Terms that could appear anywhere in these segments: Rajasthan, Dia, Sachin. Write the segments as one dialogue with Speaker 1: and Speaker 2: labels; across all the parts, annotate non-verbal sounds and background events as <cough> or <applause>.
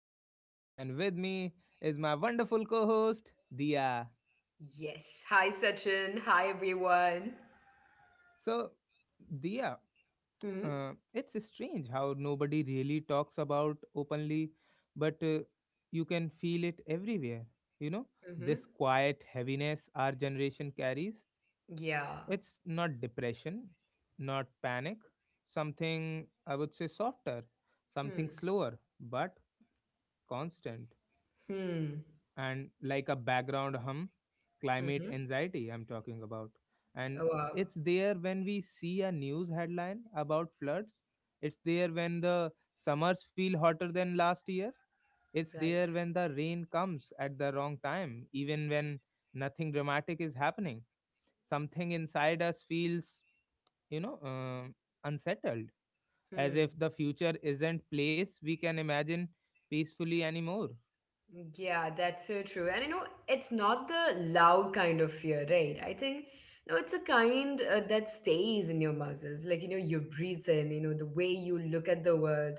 Speaker 1: is Sachin, and with me is my wonderful co host, Dia.
Speaker 2: Yes. Hi, Sachin. Hi, everyone.
Speaker 1: So, Dia,
Speaker 2: Hmm.
Speaker 1: it's strange how nobody really talks about openly, but you can feel it everywhere. You know,
Speaker 2: Hmm.
Speaker 1: this quiet heaviness our generation carries.
Speaker 2: Yeah.
Speaker 1: It's not depression, not panic, something I would say softer, something
Speaker 2: Hmm.
Speaker 1: slower, but constant.
Speaker 2: Hmm.
Speaker 1: And like a background hum, climate
Speaker 2: Hmm.
Speaker 1: anxiety I'm talking about. And
Speaker 2: Oh, wow.
Speaker 1: it's there when we see a news headline about floods, it's there when the summers feel hotter than last year, it's there
Speaker 2: Right.
Speaker 1: when the rain comes at the wrong time, even when nothing dramatic is happening. Something inside us feels, you know um unsettled, as
Speaker 2: Hmm.
Speaker 1: if the future isn't place we can imagine peacefully anymore.
Speaker 2: Yeah, that's so true. And you know, it's not the loud kind of fear, right? I think, no, it's a kind that stays in your muscles. Like, you know, you breathe in, you know, the way you look at the world.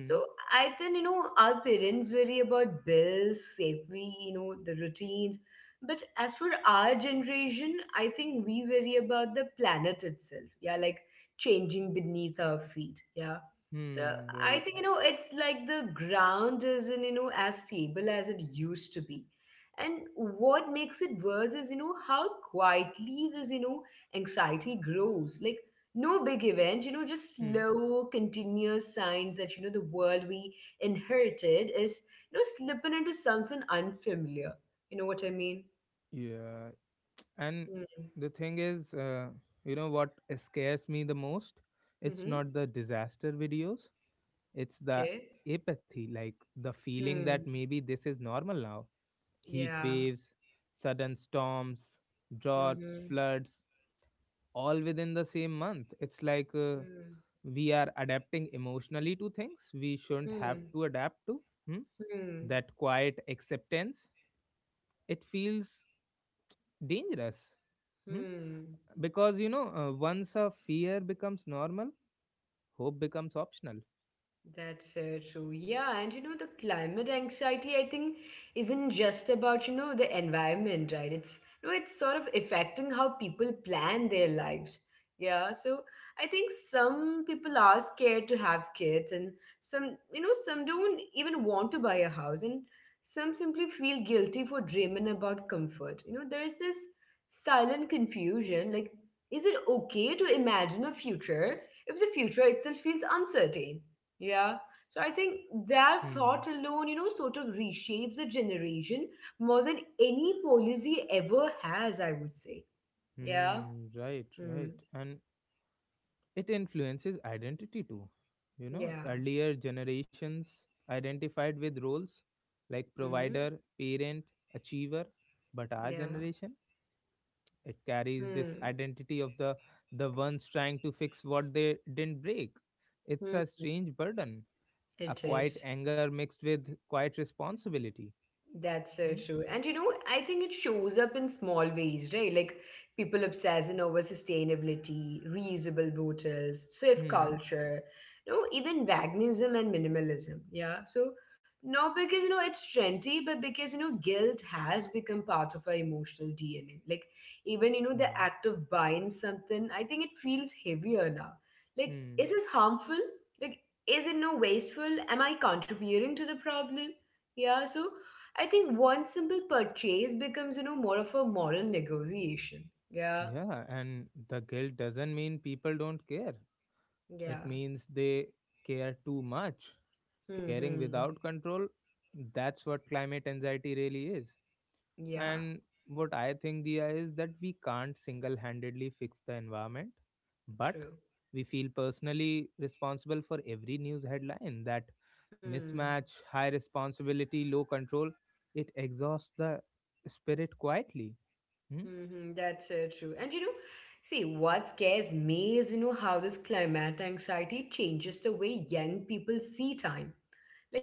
Speaker 2: So I think, you know, our parents worry about bills, safety, you know, the routines. But as for our generation, I think we worry about the planet itself. Yeah, like changing beneath our feet. Yeah. So
Speaker 1: Hmm.
Speaker 2: I
Speaker 1: Right.
Speaker 2: think, you know, it's like the ground isn't, you know, as stable as it used to be. And what makes it worse is, you know, how quietly this, you know, anxiety grows. Like, no big event, you know, just
Speaker 1: Hmm.
Speaker 2: slow, continuous signs that, you know, the world we inherited is, you know, slipping into something unfamiliar. You know what I mean?
Speaker 1: Yeah, and
Speaker 2: Hmm.
Speaker 1: the thing is, you know what scares me the most? It's
Speaker 2: Mm-hmm.
Speaker 1: not the disaster videos, it's the
Speaker 2: Okay.
Speaker 1: apathy, like the feeling that
Speaker 2: Hmm.
Speaker 1: maybe this is normal now. Heat
Speaker 2: Yeah.
Speaker 1: waves, sudden storms, droughts,
Speaker 2: Mm-hmm.
Speaker 1: floods, all within the same month. It's like we are adapting emotionally to things we shouldn't
Speaker 2: Hmm.
Speaker 1: have
Speaker 2: Hmm.
Speaker 1: to adapt to. Hmm?
Speaker 2: Hmm.
Speaker 1: That quiet acceptance, it feels dangerous. Hmm?
Speaker 2: Hmm.
Speaker 1: Because once a fear becomes normal, hope becomes optional.
Speaker 2: That's true. Yeah, and you know, the climate anxiety, I think, isn't just about, you know, the environment, right? It's sort of affecting how people plan their lives. Yeah, so I think some people are scared to have kids, and some don't even want to buy a house, and some simply feel guilty for dreaming about comfort. You know, there is this silent confusion, like, is it okay to imagine a future if the future itself feels uncertain? Yeah. So I think that
Speaker 1: Hmm.
Speaker 2: thought alone, you know, sort of reshapes a generation more than any policy ever has, I would say. Yeah.
Speaker 1: Hmm. Right.
Speaker 2: Hmm.
Speaker 1: Right. And it influences identity too. You know,
Speaker 2: Yeah.
Speaker 1: earlier generations identified with roles like
Speaker 2: Mm-hmm.
Speaker 1: provider, parent, achiever, but our
Speaker 2: Yeah.
Speaker 1: generation, it carries this
Speaker 2: Hmm.
Speaker 1: identity of the ones trying to fix what they didn't break. It's
Speaker 2: Hmm.
Speaker 1: a strange burden, a
Speaker 2: It
Speaker 1: quiet
Speaker 2: is.
Speaker 1: anger mixed with quiet responsibility.
Speaker 2: That's so
Speaker 1: Hmm?
Speaker 2: true. And you know, I think it shows up in small ways, right? Like people obsessing over sustainability, reusable bottles, thrift
Speaker 1: Hmm.
Speaker 2: culture, you know, even veganism and minimalism. Yeah. So not because you know it's trendy, but because you know guilt has become part of our emotional DNA. Like even you know the
Speaker 1: Hmm.
Speaker 2: act of buying something, I think it feels heavier now. Like, is
Speaker 1: Hmm.
Speaker 2: this harmful? Like, is it no wasteful? Am I contributing to the problem? Yeah. So I think one simple purchase becomes, you know, more of a moral negotiation. Yeah,
Speaker 1: Yeah, and the guilt doesn't mean people don't care. It
Speaker 2: yeah.
Speaker 1: means they care too much. Caring
Speaker 2: Hmm.
Speaker 1: without control, that's what climate anxiety really is.
Speaker 2: Yeah,
Speaker 1: And what I think, Diya, is that we can't single handedly fix the environment, but
Speaker 2: true.
Speaker 1: we feel personally responsible for every news headline. That
Speaker 2: Hmm.
Speaker 1: mismatch, high responsibility, low control, it exhausts the spirit quietly. Hmm?
Speaker 2: Hmm. That's true. And you know, see, what scares me is, you know, how this climate anxiety changes the way young people see time.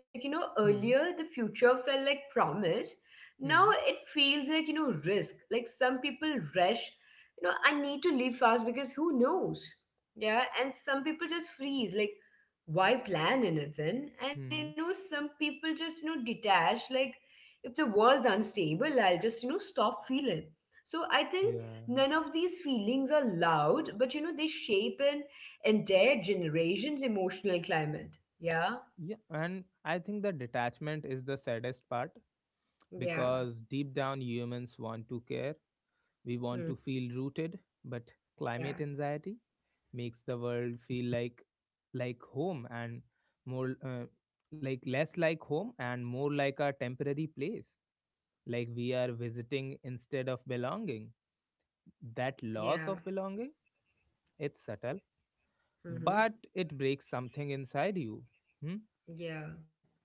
Speaker 2: Like, you know,
Speaker 1: Hmm?
Speaker 2: earlier the future felt like promise. Now
Speaker 1: Hmm?
Speaker 2: it feels like, you know, risk. Like some people rush, you know, I need to leave fast because who knows? Yeah. And some people just freeze. Like, why plan anything? And, you
Speaker 1: Hmm?
Speaker 2: know, some people just, you know, detach. Like, if the world's unstable, I'll just, you know, stop feeling. So I think
Speaker 1: Yeah.
Speaker 2: none of these feelings are loud, but, you know, they shape an entire generation's emotional climate. Yeah.
Speaker 1: Yeah. And I think the detachment is the saddest part
Speaker 2: Yeah.
Speaker 1: because deep down humans want to care, we want to
Speaker 2: Mm,
Speaker 1: feel rooted, but climate
Speaker 2: yeah,
Speaker 1: anxiety makes the world feel like home and more like less like home and more like a temporary place, like we are visiting instead of belonging. That loss
Speaker 2: yeah,
Speaker 1: of belonging, it's subtle but
Speaker 2: hmm,
Speaker 1: it breaks something inside you. Hmm?
Speaker 2: yeah.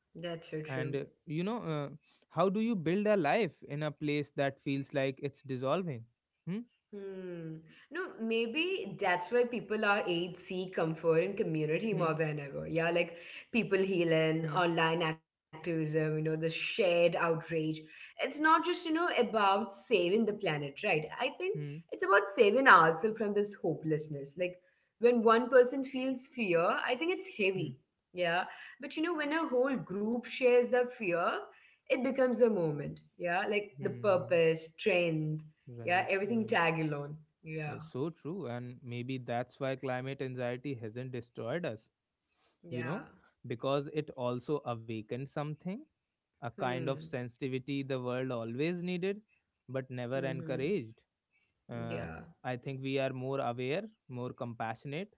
Speaker 2: That's so true.
Speaker 1: And how do you build a life in a place that feels like it's dissolving? Hmm?
Speaker 2: Hmm. No, maybe that's why people our age seek comfort in community more
Speaker 1: Hmm.
Speaker 2: than ever. Yeah, like people healing,
Speaker 1: Hmm.
Speaker 2: online activism, you know, the shared outrage. It's not just, you know, about saving the planet, right? I think
Speaker 1: Hmm.
Speaker 2: it's about saving ourselves from this hopelessness. Like when one person feels fear, I think it's
Speaker 1: Hmm.
Speaker 2: heavy. Yeah. But you know, when a whole group shares the fear, it becomes a moment. Yeah. Like the
Speaker 1: Hmm.
Speaker 2: purpose, strength, yeah,
Speaker 1: Right.
Speaker 2: everything
Speaker 1: Right.
Speaker 2: tag alone. Yeah,
Speaker 1: Yeah, so true. And maybe that's why climate anxiety hasn't destroyed us, you know,
Speaker 2: yeah.
Speaker 1: because it also awakened something, a kind of
Speaker 2: Hmm.
Speaker 1: sensitivity the world always needed, but never
Speaker 2: Mm-hmm.
Speaker 1: encouraged. Uh,
Speaker 2: Yeah,
Speaker 1: I think we are more aware, more compassionate,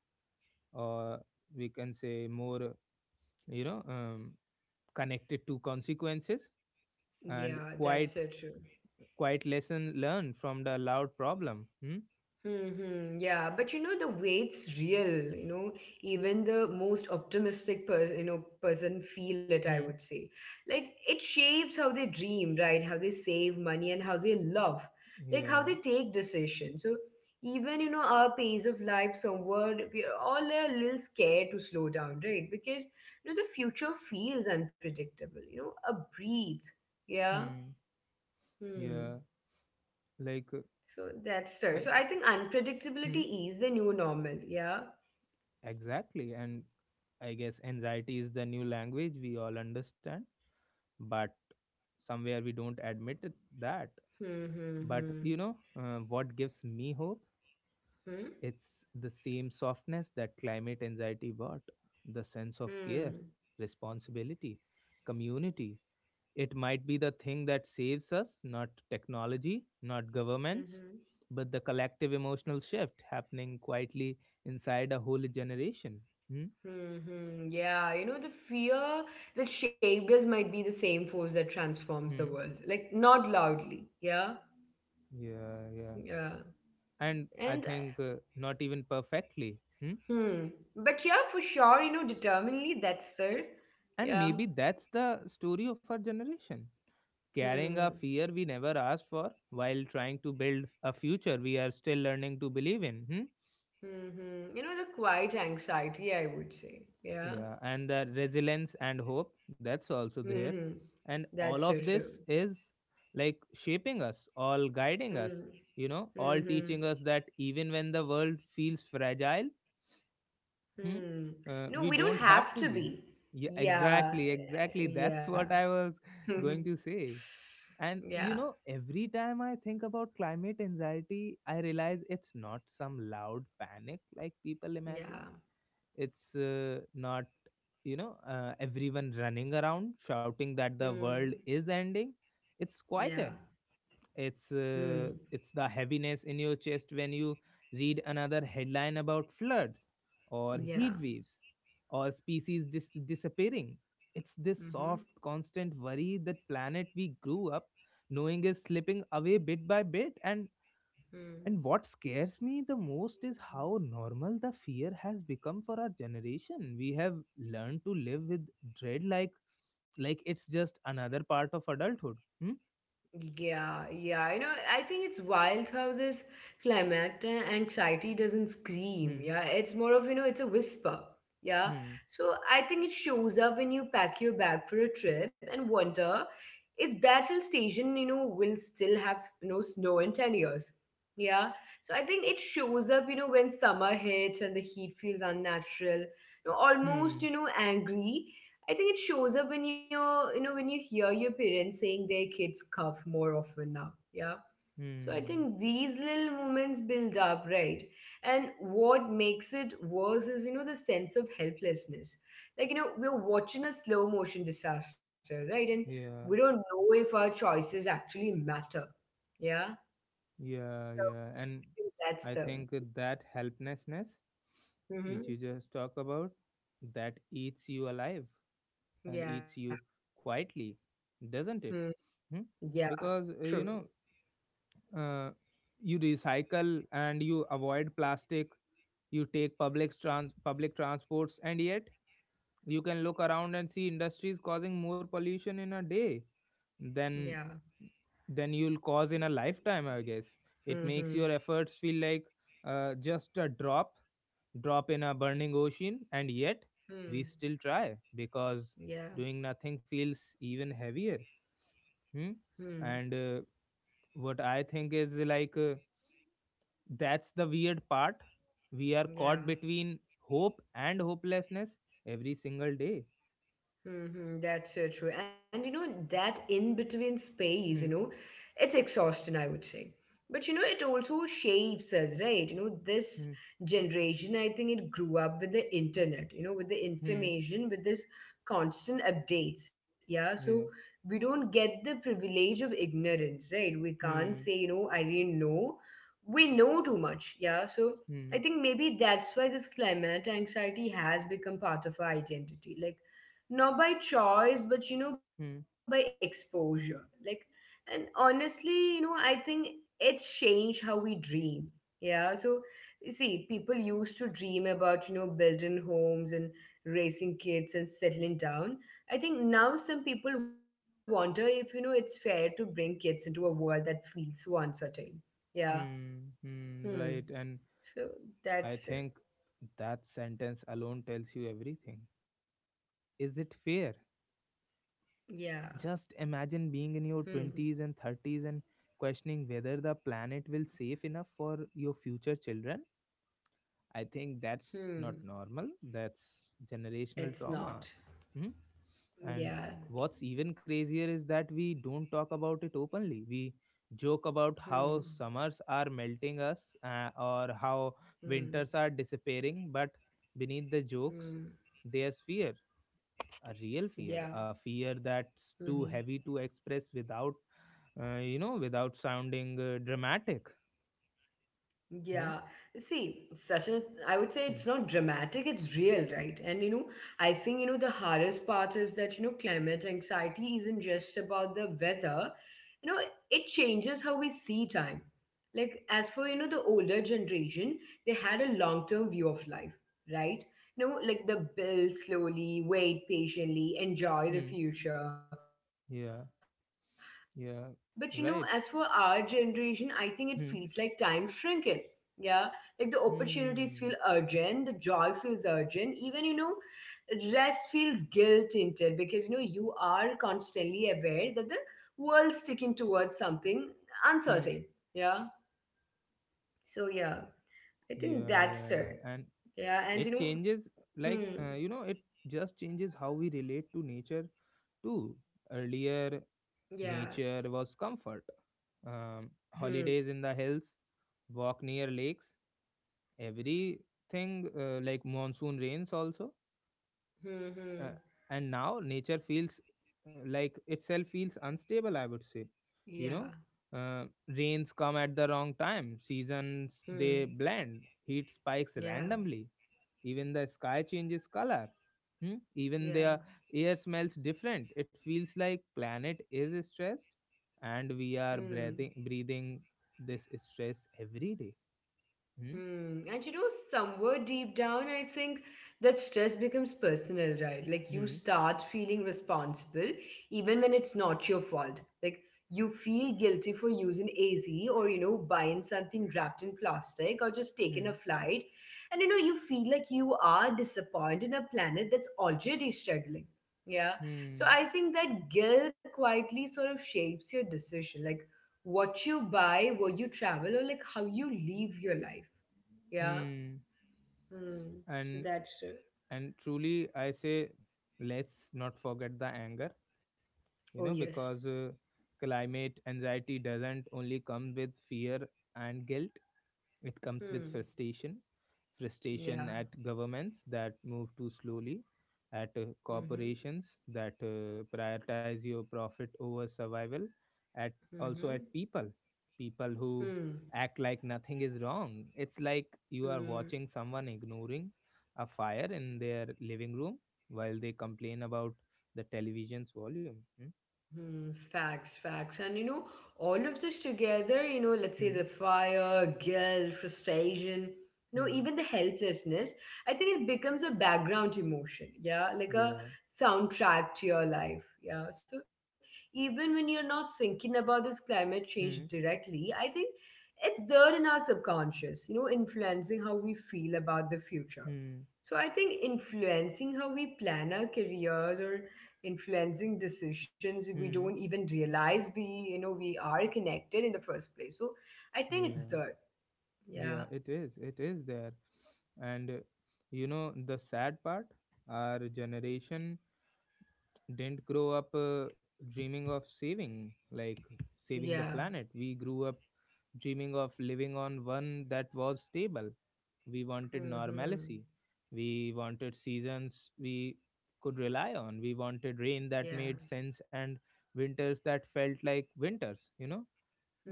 Speaker 1: or we can say more, you know, um, connected to consequences, and
Speaker 2: yeah. That's
Speaker 1: quite
Speaker 2: so true.
Speaker 1: lesson learned from the loud problem. Hmm?
Speaker 2: Hmm. Yeah, but you know the weight's real. You know, even the most optimistic person feel it. I
Speaker 1: Hmm.
Speaker 2: would say, like it shapes how they dream, right? How they save money and how they love, like how
Speaker 1: Yeah.
Speaker 2: they take decisions. So even you know our pace of life, somewhat we are all a little scared to slow down, right? Because you know the future feels unpredictable. You know, a breathe. Yeah.
Speaker 1: Hmm.
Speaker 2: Hmm.
Speaker 1: Yeah, like
Speaker 2: So that's sir.
Speaker 1: I
Speaker 2: So I
Speaker 1: th-
Speaker 2: think
Speaker 1: hmm,
Speaker 2: unpredictability is the new normal. Yeah.
Speaker 1: exactly, and I guess anxiety is the new language we all understand, but somewhere we don't admit it, that.
Speaker 2: Hmm.
Speaker 1: But
Speaker 2: Hmm.
Speaker 1: you know, what gives me hope?
Speaker 2: Hmm.
Speaker 1: It's the same softness that climate anxiety brought, the sense of care,
Speaker 2: Hmm. Hmm.
Speaker 1: responsibility, community. It might be the thing that saves us, not technology, not governments,
Speaker 2: Hmm.
Speaker 1: but the collective emotional shift happening quietly inside a whole generation. Hmm?
Speaker 2: Hmm. Hmm. Yeah. You know, the fear that shaped us might be the same force that transforms the
Speaker 1: Hmm.
Speaker 2: world. Like not loudly. Yeah.
Speaker 1: Yeah, yeah.
Speaker 2: Yeah.
Speaker 1: And I
Speaker 2: And
Speaker 1: think not even perfectly. Hmm?
Speaker 2: hmm. But yeah, for sure. You know, determinedly. That's sir.
Speaker 1: And maybe
Speaker 2: Yeah.
Speaker 1: that's the story of our generation. Carrying a
Speaker 2: Hmm.
Speaker 1: fear we never asked for while trying to build a future we are still learning to believe in. Hmm?
Speaker 2: Hmm. Hmm. You know, the quiet anxiety. I would say. Yeah.
Speaker 1: Yeah, and the resilience and hope that's also
Speaker 2: Hmm.
Speaker 1: there.
Speaker 2: Hmm.
Speaker 1: And
Speaker 2: That's
Speaker 1: all
Speaker 2: so
Speaker 1: of
Speaker 2: true.
Speaker 1: this is like shaping us, all guiding us,
Speaker 2: Hmm.
Speaker 1: you know, all
Speaker 2: Mm-hmm.
Speaker 1: teaching us that even when the world feels fragile, hmm,
Speaker 2: Hmm. You know,
Speaker 1: we
Speaker 2: we don't
Speaker 1: don't have
Speaker 2: have
Speaker 1: to
Speaker 2: to
Speaker 1: be.
Speaker 2: be.
Speaker 1: Yeah,
Speaker 2: Yeah.
Speaker 1: exactly, exactly. <laughs> That's
Speaker 2: Yeah.
Speaker 1: what I was
Speaker 2: <laughs>
Speaker 1: going to say. And
Speaker 2: Yeah.
Speaker 1: you know, every time I think about climate anxiety, I realize it's not some loud panic like people imagine.
Speaker 2: Yeah.
Speaker 1: It's not, everyone running around shouting that the world
Speaker 2: Hmm.
Speaker 1: is ending. It's
Speaker 2: Yeah.
Speaker 1: quieter. It's
Speaker 2: Hmm.
Speaker 1: the heaviness in your chest when you read another headline about floods or
Speaker 2: Yeah.
Speaker 1: heat waves or species disappearing. It's this
Speaker 2: Mm-hmm.
Speaker 1: soft, constant worry that planet we grew up knowing is slipping away bit by bit. And
Speaker 2: Hmm.
Speaker 1: what scares me the most is how normal the fear has become for our generation. We have learned to live with dread, like it's just another part of adulthood. Hmm?
Speaker 2: Yeah, yeah. You know, I think it's wild how this climactic anxiety doesn't scream.
Speaker 1: Hmm.
Speaker 2: Yeah, it's more of, you know, it's a whisper. Yeah.
Speaker 1: Hmm.
Speaker 2: So I think it shows up when you pack your bag for a trip and wonder if that hill station, you know, will still have, you know, snow in 10 years. Yeah. So I think it shows up, you know, when summer hits and the heat feels unnatural, you know, almost, you
Speaker 1: Hmm.
Speaker 2: know, angry. I think it shows up when you hear your parents saying their kids cough more often now. Yeah. So I
Speaker 1: Hmm.
Speaker 2: think these little moments build up, right? And what makes it worse is, you know, the sense of helplessness. Like, you know, we're watching a slow motion disaster, right? And
Speaker 1: Yeah.
Speaker 2: we don't know if our choices actually matter. Yeah.
Speaker 1: Yeah.
Speaker 2: So
Speaker 1: Yeah.
Speaker 2: I
Speaker 1: And
Speaker 2: think
Speaker 1: I
Speaker 2: that's
Speaker 1: think
Speaker 2: the.
Speaker 1: that helplessness, which you just
Speaker 2: Hmm.
Speaker 1: talk about, that eats you alive and eats
Speaker 2: Yeah.
Speaker 1: you quietly, doesn't it?
Speaker 2: Hmm.
Speaker 1: Hmm?
Speaker 2: Yeah.
Speaker 1: Because
Speaker 2: True.
Speaker 1: uh, you recycle and you avoid plastic, you take public transports, and yet you can look around and see industries causing more pollution in a day than
Speaker 2: Yeah.
Speaker 1: you'll cause in a lifetime, I guess. It makes your
Speaker 2: Mm-hmm.
Speaker 1: efforts feel like just a drop in a burning ocean, and yet we still
Speaker 2: Hmm.
Speaker 1: try because
Speaker 2: Yeah.
Speaker 1: doing nothing feels even heavier. Hmm?
Speaker 2: Hmm.
Speaker 1: And what I think is like, that's the weird part. We are caught
Speaker 2: Yeah.
Speaker 1: between hope and hopelessness every single day.
Speaker 2: Mm-hmm, that's so true. And you know, that in between space, you
Speaker 1: Hmm.
Speaker 2: know, it's exhausting, I would say. But you know, it also shapes us, right? You know, this
Speaker 1: Hmm.
Speaker 2: generation, I think it grew up with the internet, you know, with the
Speaker 1: Hmm.
Speaker 2: information, with this constant updates. Yeah. So
Speaker 1: Yeah.
Speaker 2: we don't get the privilege of ignorance, right? We can't say, you
Speaker 1: Hmm.
Speaker 2: know, I didn't know. We know too much. Yeah. So I
Speaker 1: Hmm.
Speaker 2: think maybe that's why this climate anxiety has become part of our identity. Like, not by choice but you know by
Speaker 1: Hmm.
Speaker 2: exposure. Like, and honestly, you know, I think it's changed how we dream. Yeah. So you see, people used to dream about, you know, building homes and raising kids and settling down. I think now some people wonder if, you know, it's fair to bring kids into a world that feels so uncertain. Yeah.
Speaker 1: Hmm. Hmm.
Speaker 2: Hmm.
Speaker 1: Right. And
Speaker 2: So that's
Speaker 1: I
Speaker 2: it.
Speaker 1: think that sentence alone tells you everything. Is it fair?
Speaker 2: Yeah.
Speaker 1: Just imagine
Speaker 2: Hmm.
Speaker 1: being in your 20s and 30s and questioning whether the planet will safe enough for your future children. I think that's
Speaker 2: Hmm.
Speaker 1: not normal. That's generational
Speaker 2: It's not.
Speaker 1: trauma. Hmm? And
Speaker 2: Yeah.
Speaker 1: what's even crazier is that we don't talk about it openly. We joke about
Speaker 2: Hmm.
Speaker 1: how summers are melting us, or how
Speaker 2: Hmm.
Speaker 1: winters are disappearing, but beneath the jokes,
Speaker 2: Mm,
Speaker 1: there's fear, a real fear,
Speaker 2: yeah.
Speaker 1: a fear that's too
Speaker 2: Hmm.
Speaker 1: heavy to express without without sounding dramatic. Hmm?
Speaker 2: Yeah, see, Sachin, I would say it's
Speaker 1: Hmm.
Speaker 2: not dramatic, it's real, right? And you know, I think you know the hardest part is that you know climate anxiety isn't just about the weather. You know, it changes how we see time. Like as for you know the older generation, they had a long-term view of life, right? You know, like the build slowly, wait patiently, enjoy the
Speaker 1: Hmm.
Speaker 2: future.
Speaker 1: Yeah,
Speaker 2: But you know,
Speaker 1: yeah,
Speaker 2: as for
Speaker 1: right.
Speaker 2: our generation, I think it
Speaker 1: Hmm.
Speaker 2: feels like time shrinking. Yeah, like the opportunities
Speaker 1: Hmm.
Speaker 2: feel urgent, the joy feels urgent, even you know, rest feels guilt tinted because you know you are constantly aware that the world's sticking towards something
Speaker 1: Hmm.
Speaker 2: uncertain. Yeah. So yeah, I
Speaker 1: Yeah,
Speaker 2: think
Speaker 1: yeah, yeah.
Speaker 2: that's it.
Speaker 1: And it
Speaker 2: Yeah, and you
Speaker 1: changes,
Speaker 2: know, hmm,
Speaker 1: it just changes how we relate to nature too. Earlier, nature was
Speaker 2: yeah,
Speaker 1: comfort, holidays in the hills,
Speaker 2: hmm,
Speaker 1: walk near lakes, everything, like monsoon rains also, uh, and
Speaker 2: hmm,
Speaker 1: now nature feels, like itself feels unstable, I would say. You know,
Speaker 2: yeah,
Speaker 1: rains come at the wrong time, seasons they blend,
Speaker 2: hmm,
Speaker 1: heat spikes randomly,
Speaker 2: yeah,
Speaker 1: even the sky changes color. Hmm? Even the
Speaker 2: yeah,
Speaker 1: air smells different. It feels like planet is stressed and we are
Speaker 2: hmm.
Speaker 1: breathing this stress every day. Hmm?
Speaker 2: Hmm. And you know, somewhere deep down, I think that stress becomes personal, right? Like you
Speaker 1: Hmm?
Speaker 2: start feeling responsible even when it's not your fault. Like you feel guilty for using a z or, you know, buying something wrapped in plastic or just taking
Speaker 1: Hmm?
Speaker 2: a flight. And, you know, you feel like you are disappointed in a planet that's already struggling. Yeah. So
Speaker 1: Hmm?
Speaker 2: I think that guilt quietly sort of shapes your decision. Like, what you buy, where you travel, or like how you live your life. Yeah.
Speaker 1: Hmm?
Speaker 2: Hmm.
Speaker 1: and
Speaker 2: So that's
Speaker 1: and truly I say, let's not forget the anger. You know,
Speaker 2: oh, yes.
Speaker 1: because climate anxiety doesn't only come with fear and guilt, it comes with
Speaker 2: Hmm.
Speaker 1: frustration
Speaker 2: Yeah.
Speaker 1: at governments that move too slowly, at
Speaker 2: Mm-hmm.
Speaker 1: corporations that prioritize your profit over survival, at also at
Speaker 2: Mm-hmm.
Speaker 1: people who
Speaker 2: Hmm.
Speaker 1: act like nothing is wrong. It's like you are
Speaker 2: Hmm.
Speaker 1: watching someone ignoring a fire in their living room while they complain about the television's volume. Hmm?
Speaker 2: Hmm, facts, facts. And you know, all of this together, you know, let's say
Speaker 1: Hmm.
Speaker 2: the fire, guilt, frustration, you know,
Speaker 1: Hmm.
Speaker 2: even the helplessness, I think it becomes a background emotion. Yeah. Like
Speaker 1: Yeah.
Speaker 2: a soundtrack to your life. Yeah. So even when you're not thinking about this climate
Speaker 1: Hmm.
Speaker 2: change directly, I think it's there in our subconscious, you know, influencing how we feel about the future.
Speaker 1: Hmm.
Speaker 2: So I think influencing how we plan our careers or influencing decisions we
Speaker 1: Hmm.
Speaker 2: don't even realize we you know we are connected in the first place. So I think
Speaker 1: Yeah.
Speaker 2: it's that.
Speaker 1: Yeah.
Speaker 2: Yeah.
Speaker 1: It is. It is there. And you know, the sad part, our generation didn't grow up dreaming of saving the
Speaker 2: Yeah.
Speaker 1: planet. We grew up dreaming of living on one that was stable. We wanted
Speaker 2: Hmm.
Speaker 1: normalcy. We wanted seasons we could rely on. We wanted rain that
Speaker 2: Yeah.
Speaker 1: made sense, and winters that felt like winters, you know.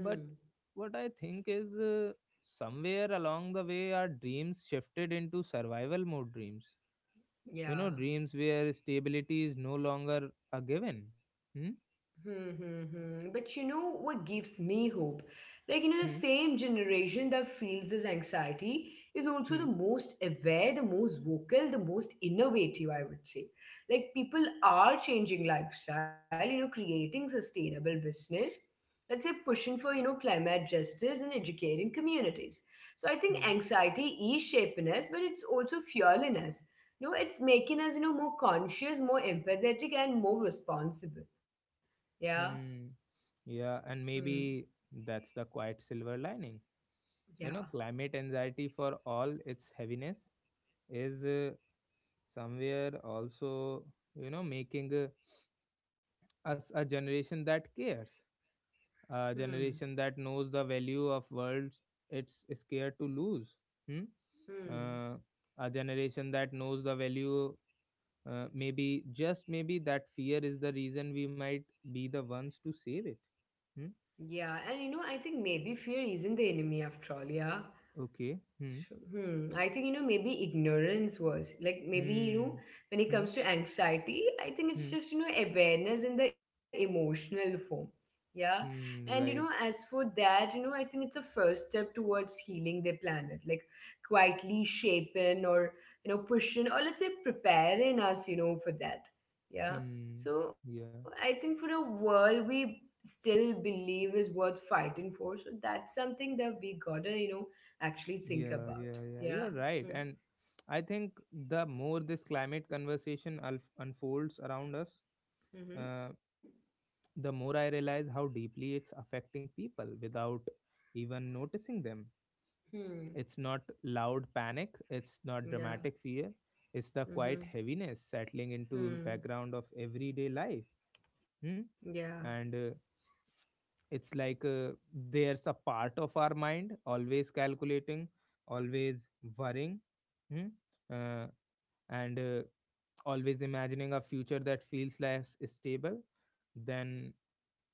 Speaker 1: But what I think is, somewhere along the way, our dreams shifted into survival mode dreams, you know,
Speaker 2: Yeah.
Speaker 1: dreams where stability is no longer a given. Hmm?
Speaker 2: Hmm, hmm, hmm. But you know what gives me hope? Like, you know, the
Speaker 1: Hmm.
Speaker 2: same generation that feels this anxiety is also
Speaker 1: Hmm.
Speaker 2: the most aware, the most vocal, the most innovative, I would say. Like, people are changing lifestyle, you know, creating sustainable business, let's say pushing for, you know, climate justice and educating communities. So I think
Speaker 1: Hmm.
Speaker 2: anxiety is shaping us, but it's also fueling us. You know, it's making us, you know, more conscious, more empathetic, and more responsible. Yeah.
Speaker 1: Hmm. Yeah, and
Speaker 2: Hmm.
Speaker 1: maybe that's the quiet silver lining. You know,
Speaker 2: Yeah.
Speaker 1: climate anxiety, for all its heaviness, is somewhere also, you know, making us a generation that cares, a
Speaker 2: Hmm.
Speaker 1: generation that knows the value of worlds it's scared to lose. Hmm?
Speaker 2: Hmm.
Speaker 1: uh, a generation that knows the value. Maybe, just maybe, that fear is the reason we might be the ones to save it. Hmm?
Speaker 2: Yeah. And I think maybe fear isn't the enemy after all. Yeah.
Speaker 1: Okay. Hmm.
Speaker 2: Sure. Hmm. I think maybe ignorance was like maybe
Speaker 1: Hmm.
Speaker 2: when it
Speaker 1: Hmm.
Speaker 2: comes to anxiety, I think it's
Speaker 1: Hmm.
Speaker 2: just awareness in the emotional form. Yeah. And
Speaker 1: Hmm. Right.
Speaker 2: as for that I think it's a first step towards healing the planet, like quietly shaping or, pushing or let's say preparing us for that. Yeah.
Speaker 1: Hmm.
Speaker 2: So I
Speaker 1: Yeah.
Speaker 2: think for a world we still believe is worth fighting for. So that's something that we gotta actually think
Speaker 1: Yeah.
Speaker 2: about.
Speaker 1: Yeah. Yeah. You
Speaker 2: Yeah.
Speaker 1: are right.
Speaker 2: Hmm.
Speaker 1: And I think the more this climate conversation unfolds around us,
Speaker 2: Hmm.
Speaker 1: uh, the more I realize how deeply it's affecting people without even noticing them.
Speaker 2: Hmm.
Speaker 1: It's not loud panic, it's not
Speaker 2: Yeah.
Speaker 1: dramatic fear, it's the quiet
Speaker 2: Hmm.
Speaker 1: heaviness settling into
Speaker 2: Hmm.
Speaker 1: background of everyday life. Hmm?
Speaker 2: Yeah.
Speaker 1: And it's like, there's a part of our mind always calculating, always worrying. Hmm? uh, and always imagining a future that feels less stable than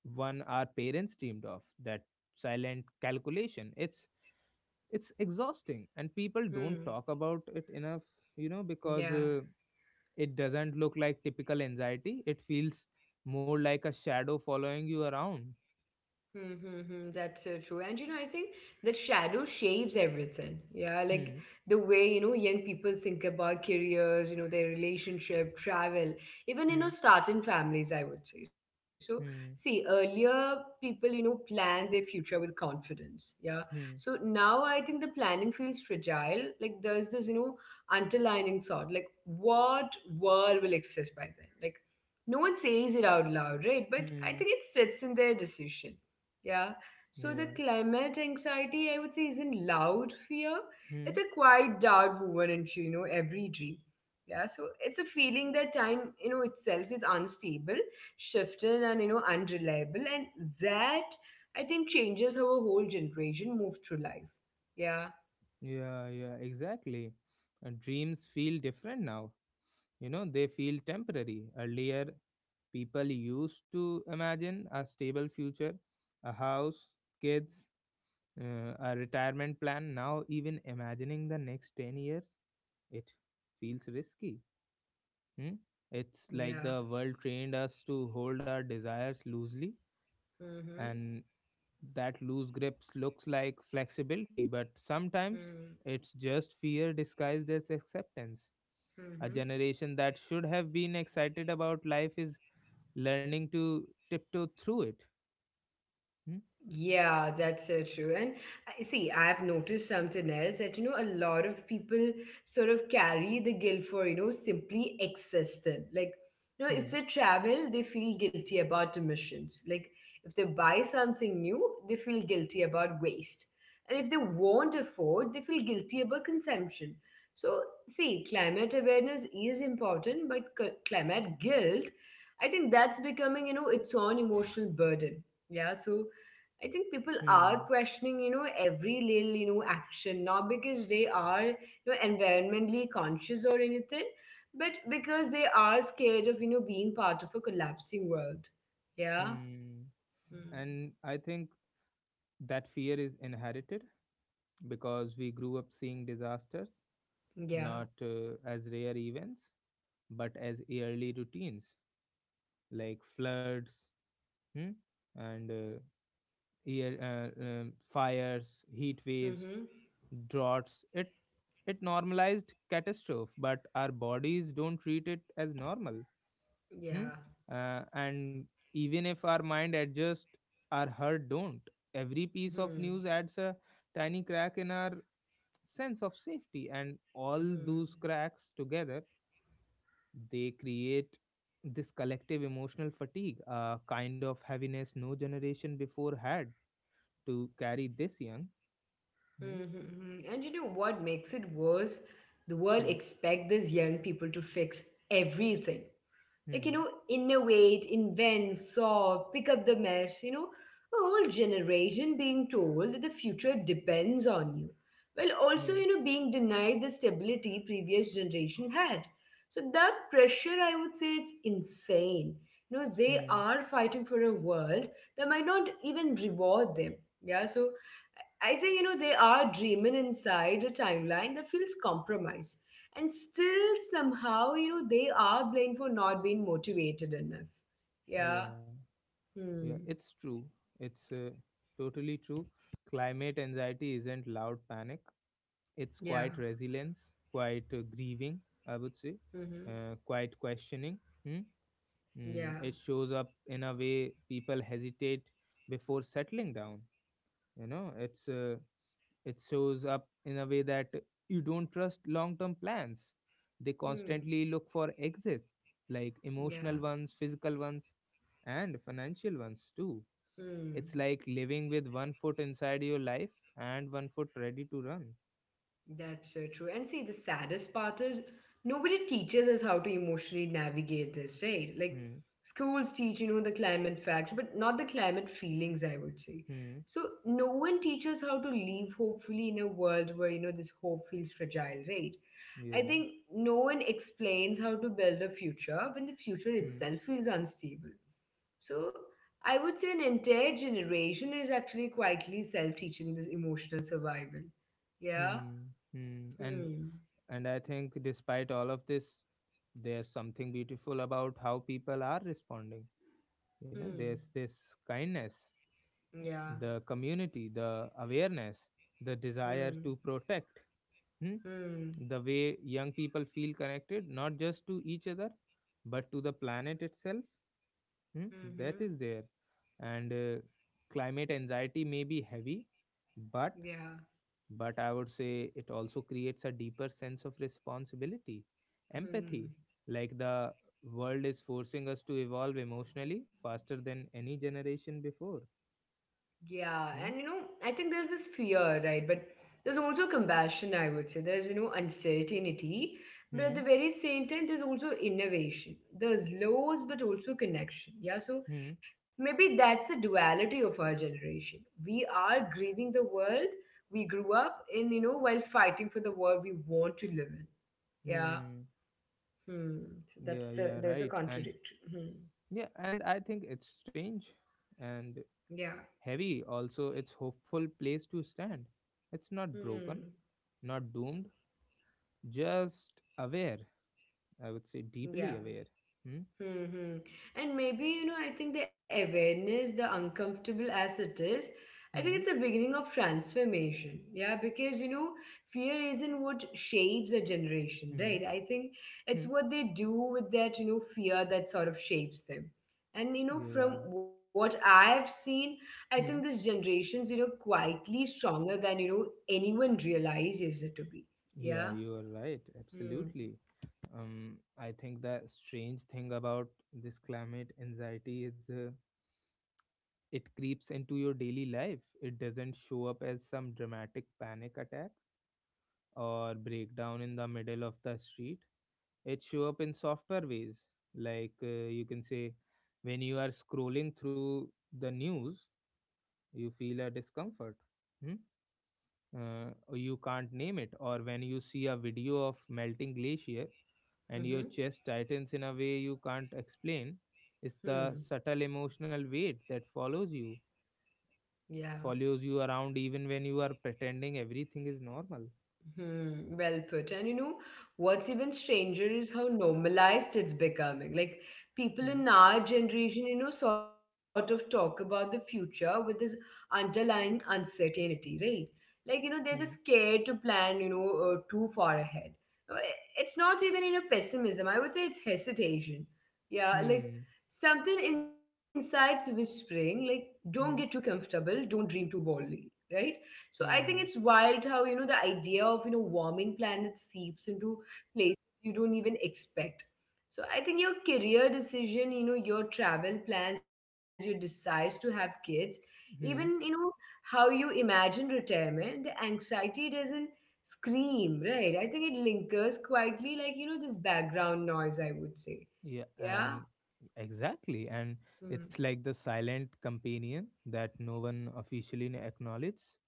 Speaker 1: one our parents dreamed of. That silent calculation. It's exhausting, and people don't
Speaker 2: Hmm.
Speaker 1: talk about it enough, you know, because
Speaker 2: Yeah.
Speaker 1: it doesn't look like typical anxiety. It feels more like a shadow following you around.
Speaker 2: Mm-hmm, that's so true. And I think that shadow shapes everything. Yeah, like
Speaker 1: Hmm.
Speaker 2: the way young people think about careers their relationship, travel, even
Speaker 1: Hmm.
Speaker 2: starting families, I would say. So, see,
Speaker 1: Hmm.
Speaker 2: earlier people plan their future with confidence. Yeah. So
Speaker 1: Hmm.
Speaker 2: now I think the planning feels fragile. Like there's this underlining thought, like what world will exist by then? Like no one says it out loud, right? But I
Speaker 1: Hmm.
Speaker 2: think it sits in their decision. Yeah. So the
Speaker 1: Yeah.
Speaker 2: climate anxiety, I would say, isn't loud fear. It's
Speaker 1: Hmm.
Speaker 2: a quiet doubt woven into every dream. Yeah. So it's a feeling that time itself is unstable, shifting and unreliable. And that, I think, changes how a whole generation moves through life. Yeah.
Speaker 1: Yeah, yeah, exactly. And dreams feel different now, you know, they feel temporary. Earlier, people used to imagine a stable future, a house, kids, a retirement plan. Now even imagining the next 10 years, it feels risky. Hmm? It's like
Speaker 2: Yeah.
Speaker 1: the world trained us to hold our desires loosely,
Speaker 2: Mm-hmm.
Speaker 1: and that loose grips looks like flexibility, but sometimes
Speaker 2: Mm-hmm.
Speaker 1: it's just fear disguised as acceptance. A
Speaker 2: Mm-hmm.
Speaker 1: generation that should have been excited about life is learning to tiptoe through it. Hmm?
Speaker 2: Yeah, that's so true. And I see, I've noticed something else that a lot of people sort of carry the guilt for simply existing. Like if
Speaker 1: Hmm.
Speaker 2: they travel, they feel guilty about emissions. Like, if they buy something new, they feel guilty about waste. And if they won't afford, they feel guilty about consumption. So, see, climate awareness is important, but climate guilt, I think that's becoming its own emotional burden. Yeah, so I think people are
Speaker 1: Hmm.
Speaker 2: questioning every little action, not because they are environmentally conscious or anything, but because they are scared of being part of a collapsing world. Yeah.
Speaker 1: Hmm.
Speaker 2: Mm.
Speaker 1: And I think that fear is inherited because we grew up seeing disasters,
Speaker 2: Yeah.
Speaker 1: not as rare events but as yearly routines, like floods. Hmm. and uh, Fires, heat waves,
Speaker 2: Mm-hmm.
Speaker 1: droughts. It normalized catastrophe, but our bodies don't treat it as normal. Hmm?
Speaker 2: Yeah.
Speaker 1: And even if our mind adjusts, our heart don't. Every piece of
Speaker 2: Hmm.
Speaker 1: news adds a tiny crack in our sense of safety, and all
Speaker 2: Hmm.
Speaker 1: those cracks together, they create this collective emotional fatigue, a kind of heaviness no generation before had to carry this young. Hmm.
Speaker 2: Mm-hmm. Mm-hmm. And you know what makes it worse? The world
Speaker 1: Hmm.
Speaker 2: expect these young people to fix everything, like
Speaker 1: Hmm.
Speaker 2: innovate, invent, solve, pick up the mess. A whole generation being told that the future depends on you, while also
Speaker 1: Hmm.
Speaker 2: being denied the stability previous generation had. So that pressure, I would say, it's insane. They
Speaker 1: Hmm.
Speaker 2: are fighting for a world that might not even reward them. Yeah, so I think they are dreaming inside a timeline that feels compromised. And still, somehow they are blamed for not being motivated enough. Yeah.
Speaker 1: Yeah, yeah,
Speaker 2: Hmm.
Speaker 1: it's true. It's totally true. Climate anxiety isn't loud panic, it's
Speaker 2: Yeah.
Speaker 1: quite resilience, quite grieving, I would say,
Speaker 2: Mm-hmm.
Speaker 1: quite questioning. Hmm. Mm,
Speaker 2: Yeah.
Speaker 1: it shows up in a way people hesitate before settling down. You know, it's it shows up in a way that you don't trust long-term plans. They
Speaker 2: Hmm.
Speaker 1: constantly look for exits, like
Speaker 2: Yeah.
Speaker 1: emotional ones, physical ones, and financial ones too.
Speaker 2: Hmm.
Speaker 1: It's like living with one foot inside your life and one foot ready to run.
Speaker 2: That's so true. And see, the saddest part is nobody teaches us how to emotionally navigate this, right? Like
Speaker 1: Hmm.
Speaker 2: schools teach the climate facts, but not the climate feelings, I would say.
Speaker 1: Hmm.
Speaker 2: So no one teaches how to live hopefully in a world where this hope feels fragile, right? I
Speaker 1: Yeah.
Speaker 2: think no one explains how to build a future when the future
Speaker 1: Hmm.
Speaker 2: itself feels unstable. So I would say an entire generation is actually quietly self-teaching this emotional survival. Yeah.
Speaker 1: Hmm. Hmm. And
Speaker 2: Hmm.
Speaker 1: I think despite all of this, there's something beautiful about how people are responding. You know,
Speaker 2: Hmm.
Speaker 1: there's this kindness,
Speaker 2: Yeah.
Speaker 1: the community, the awareness, the desire
Speaker 2: Hmm.
Speaker 1: to protect. Hmm?
Speaker 2: Hmm.
Speaker 1: The way young people feel connected, not just to each other, but to the planet itself. Hmm? That is
Speaker 2: Hmm.
Speaker 1: there, and climate anxiety may be heavy, but
Speaker 2: Yeah.
Speaker 1: I would say it also creates a deeper sense of responsibility, empathy,
Speaker 2: Hmm.
Speaker 1: like the world is forcing us to evolve emotionally faster than any generation before.
Speaker 2: Yeah. And
Speaker 1: Hmm?
Speaker 2: I think there's this fear, right? But there's also compassion, I would say. There's uncertainty. But at
Speaker 1: Hmm?
Speaker 2: the very same time, there's also innovation. There's loss, but also connection. Yeah. So
Speaker 1: Hmm?
Speaker 2: maybe that's the duality of our generation. We are grieving the world we grew up in while fighting for the world we want to live in. Yeah.
Speaker 1: Hmm.
Speaker 2: Hmm. So
Speaker 1: Yeah, yeah,
Speaker 2: there's a
Speaker 1: right. And
Speaker 2: contradiction. Hmm.
Speaker 1: yeah, and I think it's strange and
Speaker 2: Yeah.
Speaker 1: heavy, also its hopeful place to stand. It's not broken,
Speaker 2: Hmm.
Speaker 1: not doomed, just aware. I would say deeply
Speaker 2: Yeah.
Speaker 1: aware. Hmm?
Speaker 2: Mm-hmm. And maybe I think the awareness, the uncomfortable as it is, I think
Speaker 1: Hmm?
Speaker 2: it's the beginning of transformation. Yeah, because fear isn't what shapes a generation,
Speaker 1: Hmm?
Speaker 2: right? I think
Speaker 1: Hmm?
Speaker 2: it's what they do with that fear that sort of shapes them. And
Speaker 1: Yeah.
Speaker 2: from what I've seen, I
Speaker 1: Hmm.
Speaker 2: think this generation's quietly stronger than anyone realizes it to be.
Speaker 1: Yeah, you
Speaker 2: Yeah.
Speaker 1: are right.
Speaker 2: Hmm.
Speaker 1: Absolutely. I think the strange thing about this climate anxiety is it creeps into your daily life. It doesn't show up as some dramatic panic attack or breakdown in the middle of the street. It show up in softer ways, like you can say when you are scrolling through the news, you feel a discomfort. Hmm? You can't name it, or when you see a video of melting glacier and your
Speaker 2: Mm-hmm.
Speaker 1: chest tightens in a way you can't explain. It's the
Speaker 2: Hmm.
Speaker 1: subtle emotional weight that follows you,
Speaker 2: Yeah.
Speaker 1: follows you around even when you are pretending everything is normal.
Speaker 2: Hmm, well put. And what's even stranger is how normalized it's becoming. Like people
Speaker 1: Hmm.
Speaker 2: in our generation sort of talk about the future with this underlying uncertainty, right? Like they're just
Speaker 1: Hmm.
Speaker 2: scared to plan, too far ahead. Uh, It's not even pessimism. I would say it's hesitation. Yeah, like
Speaker 1: Hmm.
Speaker 2: something inside's whispering, like, don't get too
Speaker 1: Hmm.
Speaker 2: comfortable, don't dream too boldly, right? So I think it's
Speaker 1: Hmm.
Speaker 2: wild how the idea of warming planets seeps into places you don't even expect. So I think your career decision your travel plans, your decides to have kids, even
Speaker 1: Hmm.
Speaker 2: how you imagine retirement, the anxiety doesn't scream, right? I think it lingers quietly like this background noise, I would say.
Speaker 1: Yeah,
Speaker 2: Yeah.
Speaker 1: and exactly. And
Speaker 2: Hmm.
Speaker 1: it's like the silent companion that no one officially acknowledges.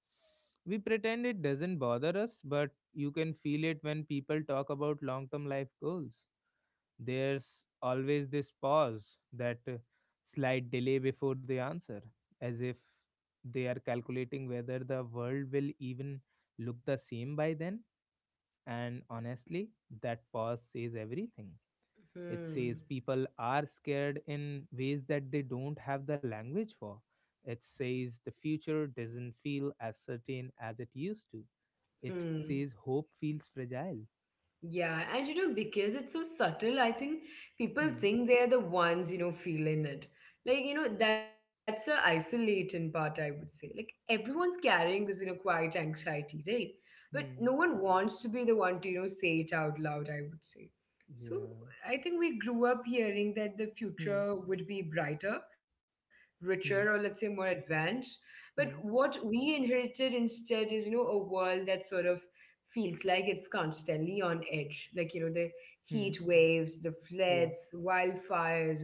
Speaker 1: We pretend it doesn't bother us, but you can feel it when people talk about long term life goals. There's always this pause, that slight delay before the answer, as if they are calculating whether the world will even look the same by then. And honestly, that pause says everything. It
Speaker 2: Hmm.
Speaker 1: says people are scared in ways that they don't have the language for. It says the future doesn't feel as certain as it used to. It
Speaker 2: Hmm.
Speaker 1: says hope feels fragile.
Speaker 2: Yeah, and because it's so subtle, I think people
Speaker 1: Hmm.
Speaker 2: think they're the ones feeling it. Like that's a isolating part, I would say. Like, everyone's carrying this quiet anxiety, right? But no
Speaker 1: Hmm.
Speaker 2: one wants to be the one to say it out loud, I would say. So
Speaker 1: Yeah.
Speaker 2: I think we grew up hearing that the
Speaker 1: Hmm.
Speaker 2: future would be brighter, richer, or let's say
Speaker 1: Hmm.
Speaker 2: more advanced. But
Speaker 1: Hmm.
Speaker 2: what we inherited instead is a world that sort of feels like it's constantly on edge. Like the
Speaker 1: Hmm.
Speaker 2: heat waves, the
Speaker 1: Yeah.
Speaker 2: floods, wildfires.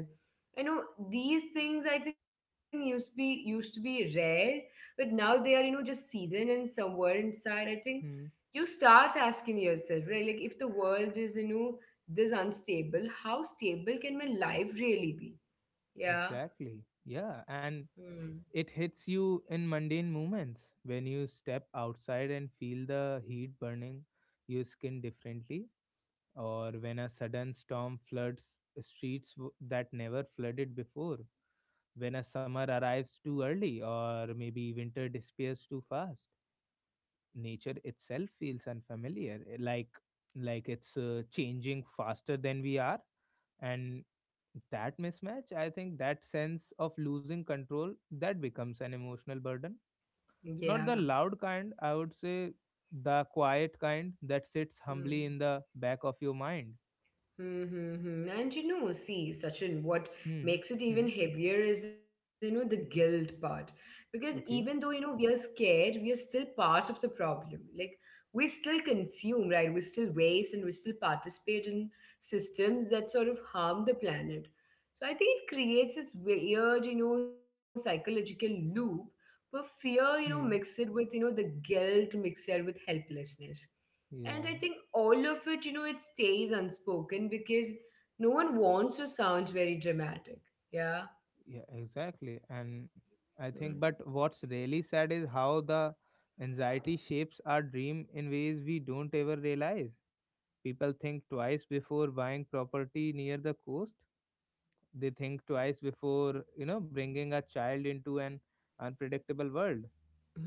Speaker 2: You know these things I think used to be rare, but now they are just season and somewhere inside. I think
Speaker 1: Hmm.
Speaker 2: you start asking yourself, right? Like if the world is this unstable, how stable can my life really be? Yeah.
Speaker 1: Exactly. Yeah.
Speaker 2: Hmm.
Speaker 1: And it hits you in mundane moments, when you step outside and feel the heat burning your skin differently, or when a sudden storm floods streets that never flooded before, when a summer arrives too early, or maybe winter disappears too fast. Nature itself feels unfamiliar, eh, like it's changing faster than we are, and that mismatch, I think that sense of losing control, that becomes an emotional burden. Not the
Speaker 2: Yeah.
Speaker 1: loud kind, I would say, the quiet kind that sits humbly
Speaker 2: Hmm.
Speaker 1: in the back of your mind.
Speaker 2: Mm-hmm. And see, Sachin, what
Speaker 1: Hmm.
Speaker 2: makes it
Speaker 1: Hmm.
Speaker 2: even heavier is the guilt part. Because even though
Speaker 1: Okay.
Speaker 2: we are scared, we are still part of the problem. Like, we still consume, right? We still waste and we still participate in systems that sort of harm the planet. So I think it creates this weird psychological loop where fear mixed
Speaker 1: Hmm.
Speaker 2: with the guilt mixed with helplessness. And I
Speaker 1: Yeah,
Speaker 2: think all of it it stays unspoken because no one wants to sound very dramatic. Yeah.
Speaker 1: yeah, exactly. And
Speaker 2: Hmm.
Speaker 1: I think, but what's really sad is how the anxiety shapes our dream in ways we don't ever realize. People think twice before buying property near the coast. They think twice before, you know, bringing a child into an unpredictable world.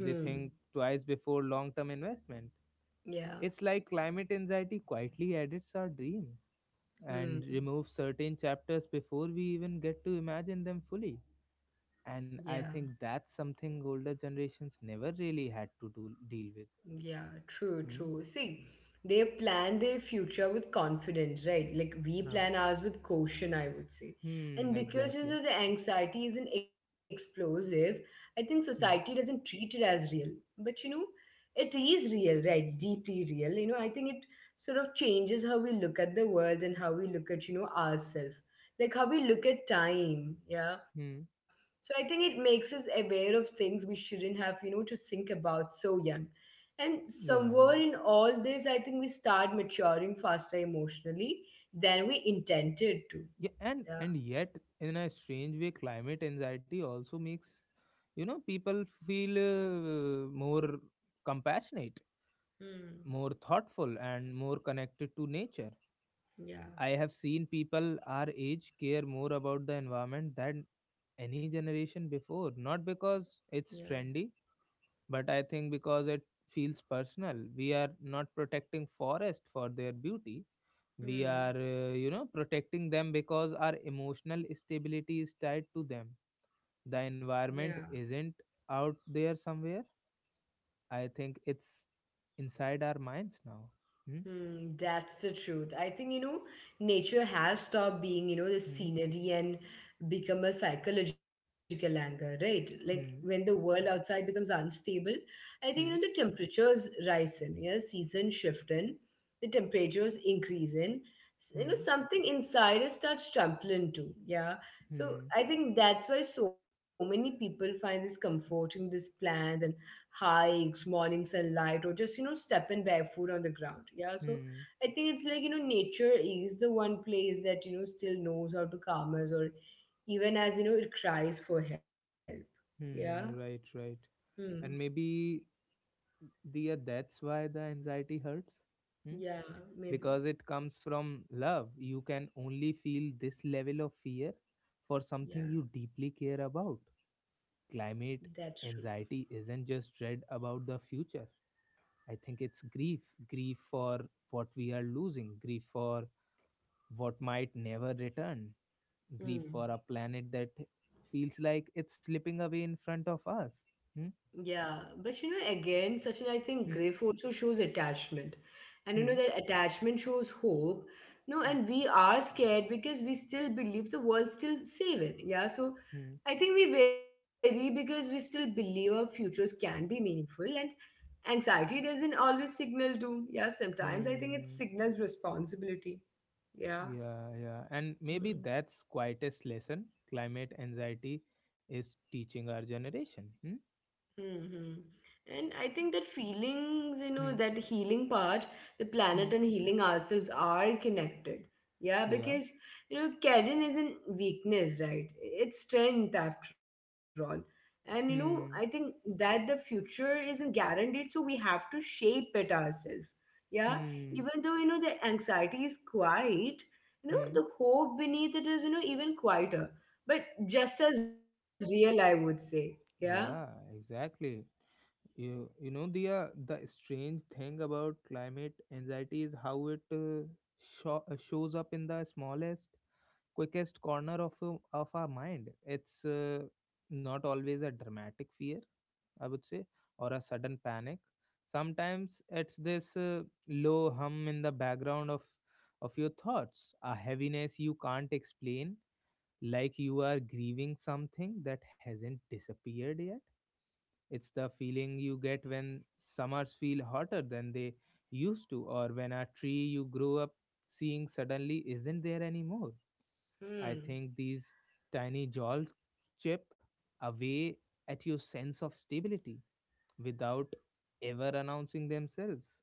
Speaker 1: They think twice before long term investment.
Speaker 2: Yeah.
Speaker 1: It's like climate anxiety quietly edits our dream
Speaker 2: Hmm.
Speaker 1: and remove certain chapters before we even get to imagine them fully.
Speaker 2: Yeah.
Speaker 1: And I think that's something older generations never really had to do, deal with.
Speaker 2: Yeah, true,
Speaker 1: Hmm?
Speaker 2: true. See, they plan their future with confidence, right? Like we
Speaker 1: Huh?
Speaker 2: plan ours with caution, I would say. And
Speaker 1: Hmm,
Speaker 2: because you
Speaker 1: exactly.
Speaker 2: know the anxiety isn't explosive, I think society
Speaker 1: Hmm.
Speaker 2: doesn't treat it as real. But you know, it is real, right? Deeply real. You know, I think it sort of changes how we look at the world and how we look at ourselves. Like how we look at time, yeah.
Speaker 1: Hmm.
Speaker 2: So I think it makes us aware of things we shouldn't have to think about so young, and somewhere
Speaker 1: Yeah.
Speaker 2: in all this, I think we start maturing faster emotionally than we intended to.
Speaker 1: Yeah, and
Speaker 2: Yeah.
Speaker 1: yet, in a strange way, climate anxiety also makes, you know, people feel more compassionate,
Speaker 2: Hmm.
Speaker 1: more thoughtful, and more connected to nature.
Speaker 2: Yeah.
Speaker 1: I have seen people our age care more about the environment than any generation before. Not because
Speaker 2: Yeah.
Speaker 1: it's trendy, but I think because it feels personal. We are not protecting forest for their beauty. We
Speaker 2: Hmm.
Speaker 1: are, you know, protecting them because our emotional stability is tied to them. The
Speaker 2: Yeah.
Speaker 1: environment isn't out there somewhere. I think it's inside our minds now. Hmm?
Speaker 2: Hmm, that's the truth. I think nature has stopped being the
Speaker 1: Hmm?
Speaker 2: scenery and become a psychological anchor, right? Like when the
Speaker 1: Hmm?
Speaker 2: world outside becomes unstable, I think the
Speaker 1: Hmm?
Speaker 2: temperatures rise in, yeah, know, seasons shift in, the temperatures increase in,
Speaker 1: Hmm?
Speaker 2: something inside us starts trampling too. Yeah. So
Speaker 1: Hmm?
Speaker 2: I think that's why so many people find this comforting, these plants and hikes, morning sunlight, or just stepping barefoot on the ground. Yeah, so
Speaker 1: Hmm?
Speaker 2: I think it's like nature is the one place that still knows how to calm us, or even as you know it cries for help. Yeah.
Speaker 1: Hmm, right, right.
Speaker 2: Hmm.
Speaker 1: And maybe the that's why the anxiety hurts. Hmm?
Speaker 2: Yeah. Maybe.
Speaker 1: Because it comes from love. You can only feel this level of fear for something
Speaker 2: Yeah.
Speaker 1: you deeply care about.
Speaker 2: That's
Speaker 1: Climate
Speaker 2: true.
Speaker 1: anxiety isn't just dread about the future. I think it's grief. Grief for what we are losing, grief for what might never return, grief
Speaker 2: Hmm.
Speaker 1: for a planet that feels like it's slipping away in front of us. Hmm?
Speaker 2: Yeah, but again, Sachin, I think
Speaker 1: Hmm?
Speaker 2: grief also shows attachment. And you know
Speaker 1: Hmm?
Speaker 2: that attachment shows hope. No,
Speaker 1: Hmm.
Speaker 2: and we are scared because we still believe the world still save it. Yeah, so
Speaker 1: Hmm.
Speaker 2: I think we worry because we still believe our futures can be meaningful. And anxiety doesn't always signal doom. Yeah, sometimes I think it
Speaker 1: Hmm.
Speaker 2: signals responsibility. Yeah.
Speaker 1: Yeah, yeah. And maybe
Speaker 2: Hmm.
Speaker 1: that's quietest lesson climate anxiety is teaching our generation. Hmm.
Speaker 2: Mm-hmm. And I think that feelings
Speaker 1: Hmm.
Speaker 2: that healing part, the
Speaker 1: Hmm.
Speaker 2: planet and healing ourselves are connected. Yeah,
Speaker 1: Yeah.
Speaker 2: because Karen isn't weakness, right? It's strength after all. And I think
Speaker 1: Hmm.
Speaker 2: that the future isn't guaranteed, so we have to shape it ourselves. Yeah,
Speaker 1: Hmm.
Speaker 2: even though the anxiety is quiet
Speaker 1: Hmm.
Speaker 2: the hope beneath it is even quieter, but just as real, I would say. Yeah.
Speaker 1: Yeah, exactly. You know the strange thing about climate anxiety is how it shows up in the smallest, quickest corner of of our mind. It's not always a dramatic fear, I would say, or a sudden panic. Sometimes it's this low hum in the background of your thoughts, a heaviness you can't explain, like you are grieving something that hasn't disappeared yet. It's the feeling you get when summers feel hotter than they used to, or when a tree you grew up seeing suddenly isn't there anymore. I
Speaker 2: Hmm.
Speaker 1: think these tiny jolts chip away at your sense of stability without ever announcing themselves.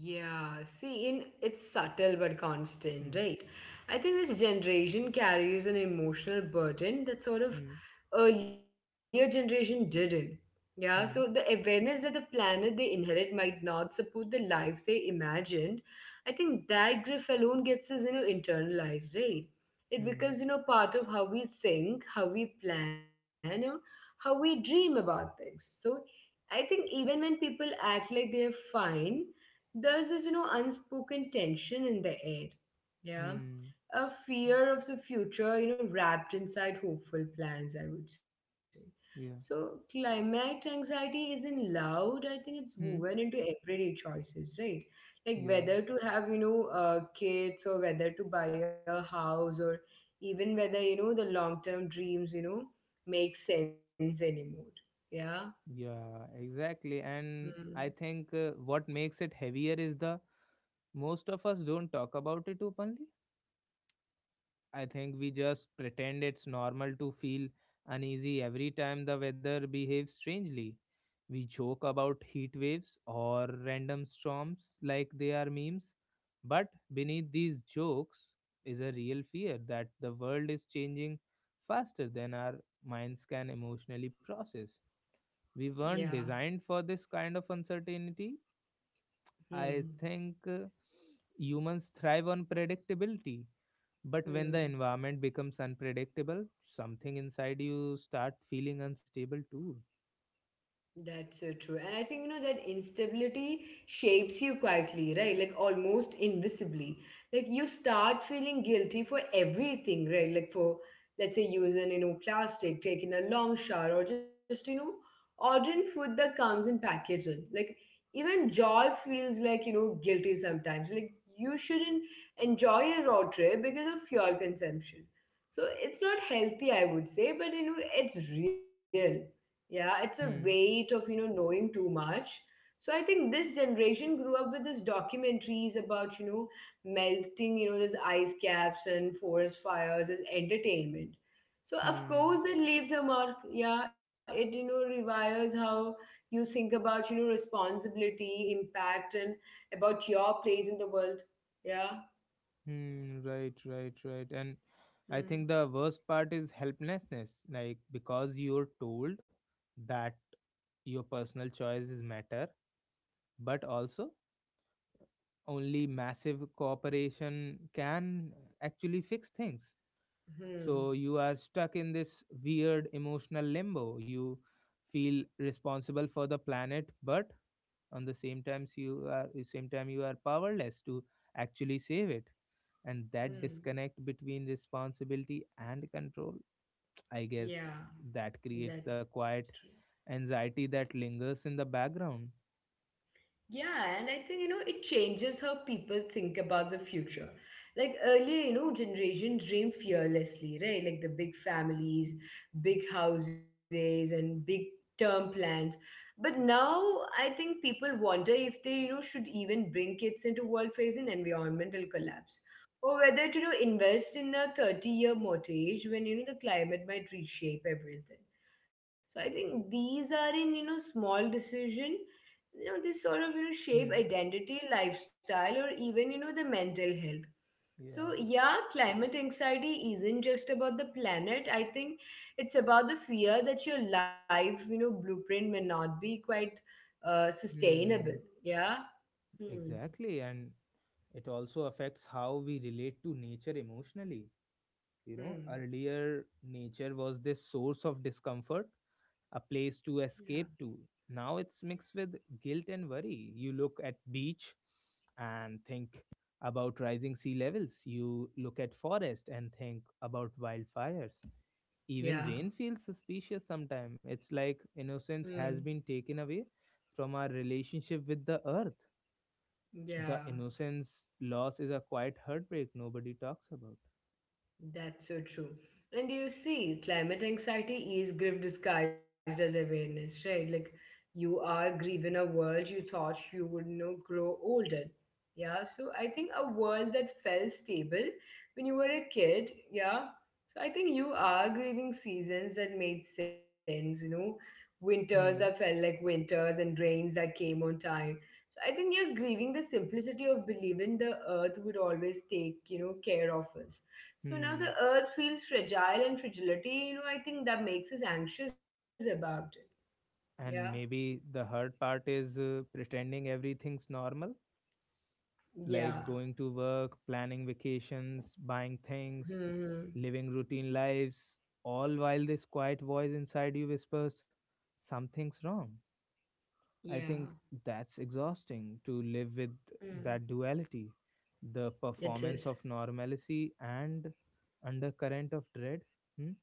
Speaker 2: Yeah, see, in it's subtle but constant,
Speaker 1: Hmm.
Speaker 2: right? I think this generation carries an emotional burden that sort of
Speaker 1: Hmm.
Speaker 2: earlier generation didn't. Yeah, so the
Speaker 1: Hmm.
Speaker 2: awareness that the planet they inherit might not support the life they imagined, I think that grief alone gets us, you know, internalized, right? It
Speaker 1: Hmm.
Speaker 2: becomes, you know, part of how we think, how we plan, or how we dream about things. So I think even when people act like they're fine, there's this, unspoken tension in the air. Yeah.
Speaker 1: Hmm.
Speaker 2: A fear of the future, you know, wrapped inside hopeful plans, I would say. So
Speaker 1: Yeah.
Speaker 2: climate anxiety isn't loud. I think it's woven
Speaker 1: Hmm.
Speaker 2: into everyday choices, right? Like
Speaker 1: Yeah,
Speaker 2: whether to have, kids, or whether to buy a house, or even whether, you know, the long-term dreams, you know, make sense anymore. Yeah.
Speaker 1: yeah, exactly. And
Speaker 2: Mm.
Speaker 1: I think what makes it heavier is the most of us don't talk about it openly. I think we just pretend it's normal to feel uneasy every time the weather behaves strangely. We joke about heat waves or random storms like they are memes, but beneath these jokes is a real fear that the world is changing faster than our minds can emotionally process. We
Speaker 2: Yeah.
Speaker 1: weren't designed for this kind of uncertainty.
Speaker 2: Hmm.
Speaker 1: I think humans thrive on predictability. But when the
Speaker 2: Hmm.
Speaker 1: environment becomes unpredictable, something inside you start feeling unstable too.
Speaker 2: That's so true. And I think, you know, that instability shapes you quietly, right? Like almost invisibly. Like you start feeling guilty for everything, right? Like for, let's say, using, you know, plastic, taking a long shower, or just, you know, ordering food that comes in packaging. Like even joy feels like, you know, guilty sometimes. Like you shouldn't enjoy a road trip because of fuel consumption. So it's not healthy, I would say, but, you know, it's real. Yeah, it's a weight
Speaker 1: Hmm.
Speaker 2: of, you know, knowing too much. So I think this generation grew up with these documentaries about, you know, melting, you know, these ice caps and forest fires as entertainment. So of
Speaker 1: Hmm.
Speaker 2: course it leaves a mark. Yeah, it, you know, rewires how you think about, you know, responsibility, impact, and about your place in the world. Yeah.
Speaker 1: Hmm. Right. Right. Right. And I think
Speaker 2: Hmm.
Speaker 1: the worst part is helplessness. Like because you're told that your personal choices matter, but also only massive cooperation can actually fix things. So
Speaker 2: Hmm.
Speaker 1: you are stuck in this weird emotional limbo. You feel responsible for the planet, but on the same times you are same time you are powerless to actually save it. And that
Speaker 2: Hmm.
Speaker 1: disconnect between responsibility and control, I guess
Speaker 2: Yeah,
Speaker 1: that creates the
Speaker 2: that's true.
Speaker 1: quiet anxiety that lingers in the background.
Speaker 2: Yeah, and I think, you know, it changes how people think about the future. Like earlier, you know, generation dream fearlessly, right? Like the big families, big houses, and big term plans. But now I think people wonder if they, you know, should even bring kids into world facing environmental collapse. Or whether to, you know, invest in a 30-year mortgage when, you know, the climate might reshape everything. So I think these are in, you know, small decision, you know, they sort of, you know, shape
Speaker 1: Hmm.
Speaker 2: identity, lifestyle, or even, you know, the mental health. So
Speaker 1: Yeah.
Speaker 2: yeah, climate anxiety isn't just about the planet. I think it's about the fear that your life, you know, blueprint may not be quite sustainable.
Speaker 1: Hmm.
Speaker 2: Yeah. Hmm.
Speaker 1: Exactly. And it also affects how we relate to nature emotionally. You know,
Speaker 2: Hmm.
Speaker 1: earlier nature was this source of discomfort, a place to
Speaker 2: Yeah.
Speaker 1: escape to. Now it's mixed with guilt and worry. You look at beach and think about rising sea levels. You look at forest and think about wildfires. Even
Speaker 2: Yeah.
Speaker 1: rain feels suspicious sometimes. It's like innocence
Speaker 2: Hmm.
Speaker 1: has been taken away from our relationship with the earth.
Speaker 2: Yeah.
Speaker 1: The innocence loss is a quiet heartbreak nobody talks about.
Speaker 2: That's so true. And you see, climate anxiety is grief disguised as awareness, right? Like you are grieving a world you thought you would, you know, grow older. Yeah. So I think a world that felt stable when you were a kid, yeah. So I think you are grieving seasons that made sense, you know, winters that felt
Speaker 1: Hmm.
Speaker 2: like winters and rains that came on time. So I think you're grieving the simplicity of believing the earth would always take, you know, care of us. So now
Speaker 1: Hmm.
Speaker 2: the earth feels fragile, and fragility, you know, I think that makes us anxious about it. Yeah.
Speaker 1: And maybe the hard part is pretending everything's normal,
Speaker 2: Yeah.
Speaker 1: like going to work, planning vacations, buying things,
Speaker 2: Hmm.
Speaker 1: living routine lives, all while this quiet voice inside you whispers, something's wrong. I
Speaker 2: Yeah.
Speaker 1: think that's exhausting to live with, that
Speaker 2: Mm.
Speaker 1: duality, the
Speaker 2: It
Speaker 1: performance of
Speaker 2: is.
Speaker 1: normalcy and undercurrent of dread. Hmm?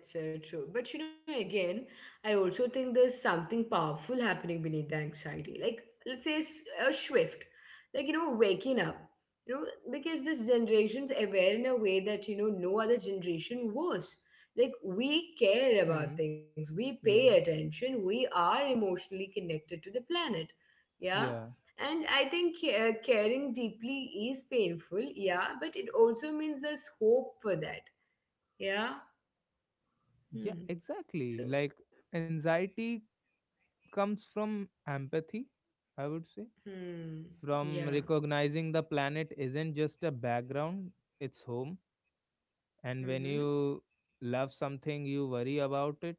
Speaker 2: That's true. But you know, again, I also think there's something powerful happening beneath the anxiety. Like, let's say a shift, like, you know, waking up, you know, because this generation's aware in a way that, you know, no other generation was. Like, we care
Speaker 1: Hmm.
Speaker 2: about things, we pay
Speaker 1: Yeah.
Speaker 2: attention, we are emotionally connected to the planet. Yeah.
Speaker 1: Yeah.
Speaker 2: And I think caring deeply is painful. Yeah. But it also means there's hope for that. Yeah.
Speaker 1: Yeah.
Speaker 2: Hmm.
Speaker 1: Exactly.
Speaker 2: So,
Speaker 1: Like anxiety comes from empathy, I would say,
Speaker 2: hmm.
Speaker 1: from
Speaker 2: Yeah.
Speaker 1: recognizing the planet isn't just a background, it's home. And when
Speaker 2: Mm-hmm.
Speaker 1: you love something, you worry about it.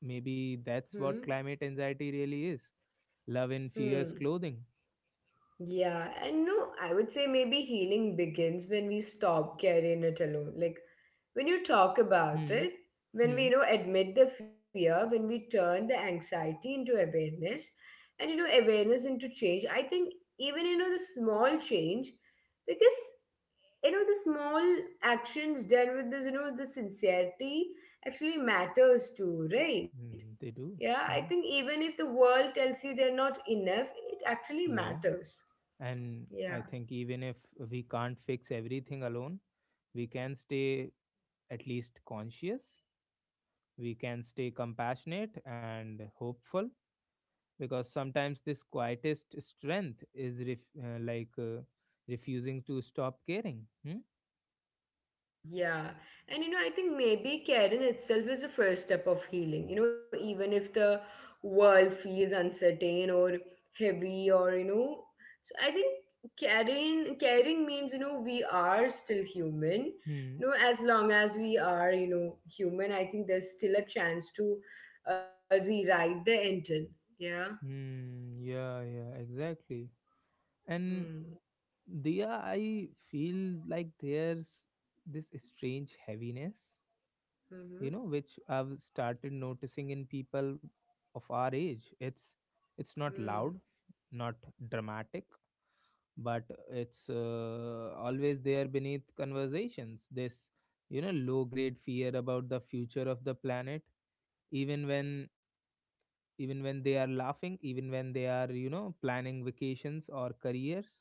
Speaker 1: Maybe that's
Speaker 2: Hmm.
Speaker 1: what climate anxiety really is, love in fierce
Speaker 2: Hmm.
Speaker 1: clothing.
Speaker 2: Yeah. And no, I would say maybe healing begins when we stop carrying it alone. Like when you talk about
Speaker 1: Hmm.
Speaker 2: it, when we,
Speaker 1: Hmm.
Speaker 2: you know, admit the fear, when we turn the anxiety into awareness and, you know, awareness into change, I think even, you know, the small change, because, you know, the small actions done with this, you know, the sincerity actually matters too, right?
Speaker 1: Hmm. They do.
Speaker 2: Yeah, I
Speaker 1: Hmm.
Speaker 2: think even if the world tells you they're not enough, it actually
Speaker 1: Yeah.
Speaker 2: matters.
Speaker 1: And I
Speaker 2: Yeah,
Speaker 1: think, even if we can't fix everything alone, we can stay at least conscious, we can stay compassionate and hopeful, because sometimes this quietest strength is refusing to stop caring. Hmm?
Speaker 2: yeah. And you know, I think maybe caring itself is the first step of healing. You know, even if the world feels uncertain or heavy or, you know, so I think caring means, you know, we are still human.
Speaker 1: Hmm.
Speaker 2: You know, as long as we are, you know, human, I think there's still a chance to rewrite the intent. Yeah.
Speaker 1: Hmm. Yeah, yeah, exactly. And
Speaker 2: Hmm.
Speaker 1: Dia, I feel like there's this strange heaviness, you know,
Speaker 2: Mm-hmm.
Speaker 1: which I've started noticing in people of our age. It's not loud,
Speaker 2: Hmm.
Speaker 1: not dramatic, but it's always there beneath conversations, this low grade fear about the future of the planet, even when even when they are laughing, even when they are planning vacations or careers.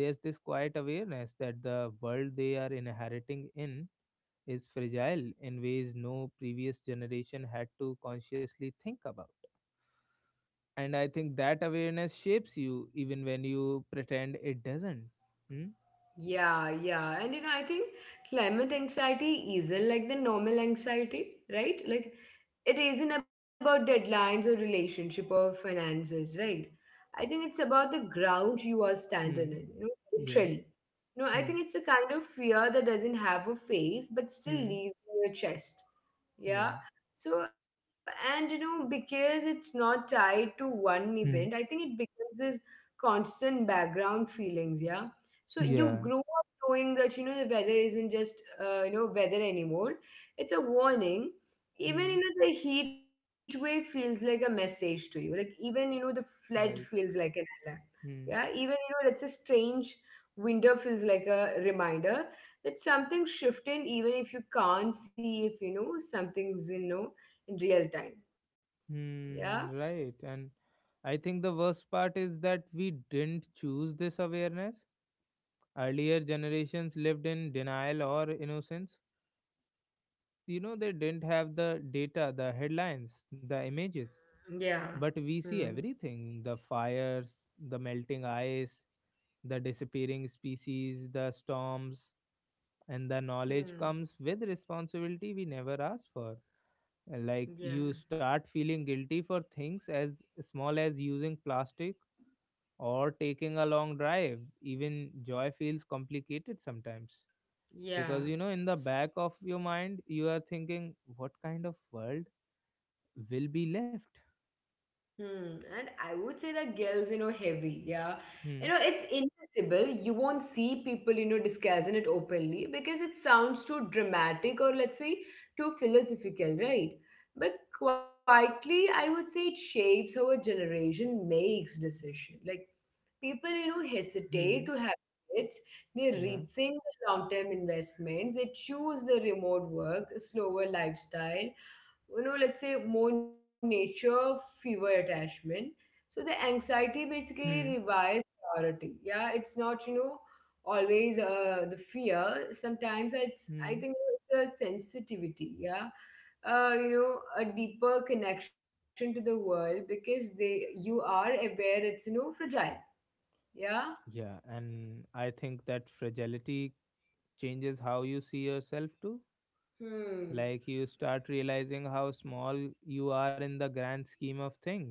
Speaker 1: There's this quiet awareness that the world they are inheriting in is fragile in ways no previous generation had to consciously think about. And I think that awareness shapes you even when you pretend it doesn't. Hmm?
Speaker 2: Yeah, yeah. And you know, I think climate anxiety isn't like the normal anxiety, right? Like it isn't about deadlines or relationship or finances, right? I think it's about the ground you are
Speaker 1: Hmm.
Speaker 2: standing in, you know,
Speaker 1: Yeah.
Speaker 2: literally. No,
Speaker 1: Hmm.
Speaker 2: I think it's a kind of fear that doesn't have a face but
Speaker 1: Hmm.
Speaker 2: still leaves in your chest.
Speaker 1: Yeah.
Speaker 2: Yeah. So, and you know, because it's not tied to one event,
Speaker 1: Hmm.
Speaker 2: I think it becomes this constant background feelings. Yeah. So you
Speaker 1: Yeah.
Speaker 2: grow up knowing that, you know, the weather isn't just, you know, weather anymore. It's a warning.
Speaker 1: Hmm.
Speaker 2: Even, you know, the heat wave feels like a message to you. Like even, you know, the flood
Speaker 1: Right.
Speaker 2: feels like an alarm.
Speaker 1: Hmm.
Speaker 2: Yeah, even, you know, let's say strange window feels like a reminder that something shifted. Even if you can't see, if, you know, something's in, you know, in real time. Yeah.
Speaker 1: Hmm. Right. And I think the worst part is that we didn't choose this awareness. Earlier generations lived in denial or innocence. You know, they didn't have the data, the headlines, the images.
Speaker 2: Yeah.
Speaker 1: But we see
Speaker 2: Hmm.
Speaker 1: everything, the fires, the melting ice, the disappearing species, the storms. And the knowledge
Speaker 2: Hmm.
Speaker 1: comes with responsibility we never asked for. Like, you
Speaker 2: Yeah,
Speaker 1: start feeling guilty for things as small as using plastic or taking a long drive. Even joy feels complicated sometimes, because you
Speaker 2: yeah.
Speaker 1: know, in the back of your mind, you are thinking, what kind of world will be left?
Speaker 2: Hmm. And I would say that girls, you know, heavy. Yeah.
Speaker 1: Hmm,
Speaker 2: You know, it's invisible. You won't see people, you know, discussing it openly because it sounds too dramatic, or let's say too philosophical, right? But quietly, I would say it shapes how a generation makes decision. Like people, you know,
Speaker 1: hmm,
Speaker 2: hesitate to have kids. They
Speaker 1: yeah,
Speaker 2: rethink the long-term investments. They choose the remote work, slower lifestyle, you know, let's say more nature, fewer attachment. So the anxiety basically
Speaker 1: Hmm,
Speaker 2: revives priority. Yeah, it's not, you know, always the fear. Sometimes it's, I
Speaker 1: hmm.
Speaker 2: think it's a sensitivity. Yeah. You know, a deeper connection to the world because they, you are aware it's, you know, fragile. Yeah.
Speaker 1: Yeah, and I think that fragility changes how you see yourself too.
Speaker 2: Hmm.
Speaker 1: Like, you start realizing how small you are in the grand scheme of things,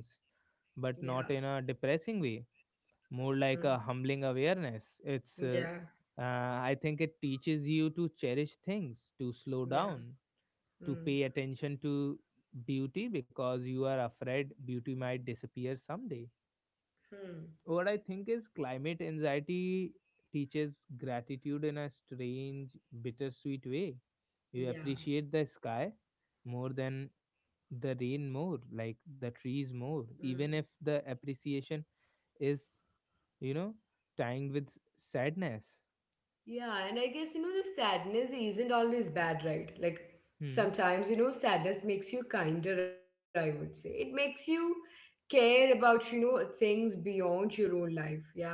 Speaker 2: Yeah.
Speaker 1: but not in a depressing way, more like
Speaker 2: Hmm.
Speaker 1: a humbling awareness. It's, uh,
Speaker 2: Yeah.
Speaker 1: uh, I think it teaches you to cherish things, to slow
Speaker 2: Yeah.
Speaker 1: down, to
Speaker 2: Hmm.
Speaker 1: pay attention to beauty because you are afraid beauty might disappear someday.
Speaker 2: Hmm.
Speaker 1: What I think is, climate anxiety teaches gratitude in a strange, bittersweet way. You
Speaker 2: Yeah.
Speaker 1: appreciate the sky more than the rain, more like the trees more,
Speaker 2: Hmm.
Speaker 1: even if the appreciation is, you know, timed with sadness.
Speaker 2: Yeah, and I guess, you know, the sadness isn't always bad, right? Like
Speaker 1: Hmm.
Speaker 2: sometimes, you know, sadness makes you kinder, I would say. It makes you care about, you know, things beyond your own life. Yeah.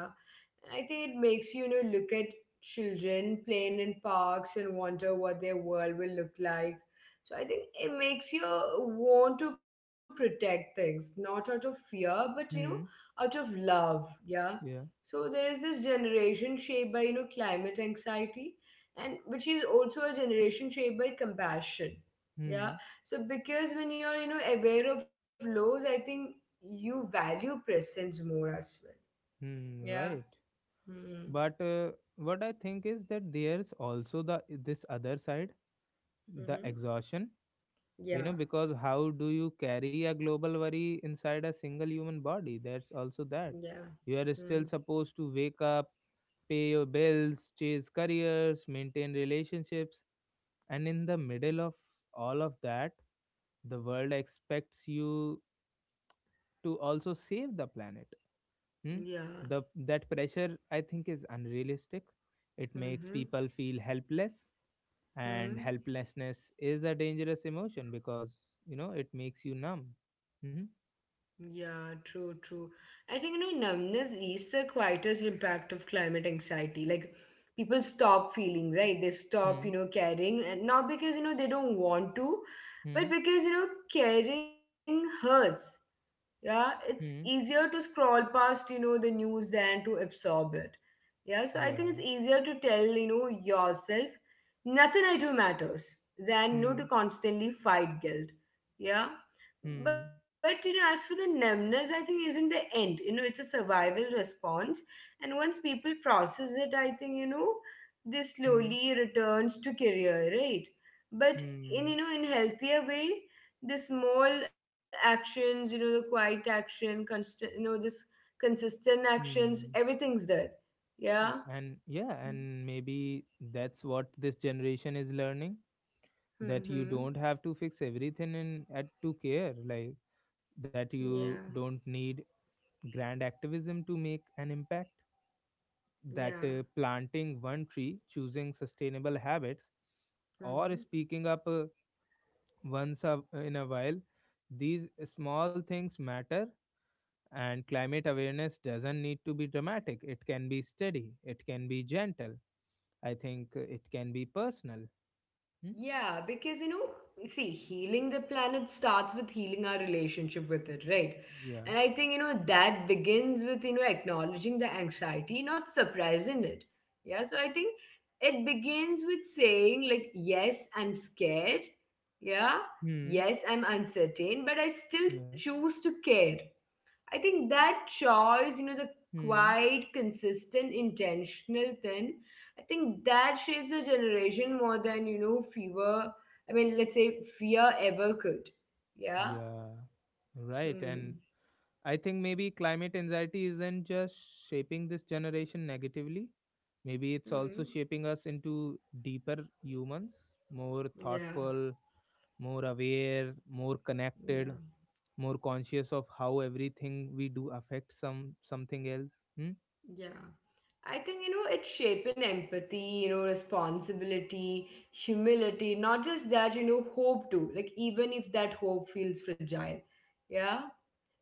Speaker 2: And I think it makes you, you know, look at children playing in parks and wonder what their world will look like. So I think it makes you want to protect things, not out of fear, but you know,
Speaker 1: Hmm.
Speaker 2: out of love. Yeah.
Speaker 1: Yeah.
Speaker 2: So there is this generation shaped by, you know, climate anxiety, and which is also a generation shaped by compassion. Yeah.
Speaker 1: Hmm.
Speaker 2: So because when you're, you know, aware of lows, I think you value presence more as well.
Speaker 1: Hmm.
Speaker 2: Yeah.
Speaker 1: Right.
Speaker 2: Hmm.
Speaker 1: But what I think is that there's also the this other side, the
Speaker 2: Mm-hmm.
Speaker 1: exhaustion, you know,
Speaker 2: Yeah.
Speaker 1: because how do you carry a global worry inside a single human body? There's also that.
Speaker 2: Yeah.
Speaker 1: You are
Speaker 2: Mm.
Speaker 1: still supposed to wake up, pay your bills, chase careers, maintain relationships, and in the middle of all of that, the world expects you to also save the planet. Hmm?
Speaker 2: Yeah.
Speaker 1: The That pressure, I think, is unrealistic. It makes
Speaker 2: Mm-hmm.
Speaker 1: people feel helpless, and
Speaker 2: Mm.
Speaker 1: helplessness is a dangerous emotion because, you know, it makes you numb. Hmm?
Speaker 2: Yeah, true, true. I think, you know, numbness is the quietest impact of climate anxiety. Like, people stop feeling, right? They stop, you
Speaker 1: Hmm.
Speaker 2: know, caring. And not because, you know, they don't want to,
Speaker 1: Hmm.
Speaker 2: but because, you know, caring hurts. Yeah, it's
Speaker 1: Hmm.
Speaker 2: easier to scroll past, you know, the news than to absorb it. Yeah, so I think it's
Speaker 1: Yeah.
Speaker 2: easier to tell, you know, yourself, nothing I do matters than, you know,
Speaker 1: Hmm.
Speaker 2: to constantly fight guilt. Yeah.
Speaker 1: Hmm.
Speaker 2: But, you know, as for the numbness, I think isn't the end. You know, it's a survival response. And once people process it, I think, you know, this
Speaker 1: Hmm.
Speaker 2: slowly returns to career, right? But in,
Speaker 1: Hmm.
Speaker 2: you know, in healthier way, the small actions, you know, the quiet action, constant, you know, this consistent actions,
Speaker 1: Hmm.
Speaker 2: everything's there. Yeah.
Speaker 1: Yeah, and yeah, and maybe that's what this generation is learning, that you
Speaker 2: Mm-hmm.
Speaker 1: don't have to fix everything in at to care. Like, that
Speaker 2: Yeah.
Speaker 1: you don't need grand activism to make an impact, that
Speaker 2: Yeah.
Speaker 1: planting one tree, choosing sustainable habits, or
Speaker 2: Mm-hmm.
Speaker 1: speaking up, once a, in a while, these small things matter. And climate awareness doesn't need to be dramatic. It can be steady. It can be gentle. I think it can be personal. Hmm?
Speaker 2: Yeah, because you know, see, healing the planet starts with healing our relationship with it, right?
Speaker 1: Yeah.
Speaker 2: And I think, you know, that begins with, you know, acknowledging the anxiety, not suppressing it. Yeah, so I think it begins with saying, like, yes, I'm scared. Yeah,
Speaker 1: Hmm.
Speaker 2: yes, I'm uncertain, but I still
Speaker 1: Yeah.
Speaker 2: choose to care. I think that choice, you know, the
Speaker 1: Hmm.
Speaker 2: quite consistent, intentional thing, I think that shapes a generation more than, you know, fever. I mean, let's say fear ever could. Yeah.
Speaker 1: Yeah. Right. And
Speaker 2: Hmm.
Speaker 1: I think, maybe climate anxiety isn't just shaping this generation negatively. Maybe it's also
Speaker 2: Hmm.
Speaker 1: shaping us into deeper humans, more
Speaker 2: Yeah.
Speaker 1: thoughtful, more aware, more connected,
Speaker 2: Yeah.
Speaker 1: more conscious of how everything we do affects something else. Hmm?
Speaker 2: Yeah. I think, you know, it's shaping empathy, you know, responsibility, humility, not just that, you know, hope too. Like, even if that hope feels fragile. Yeah.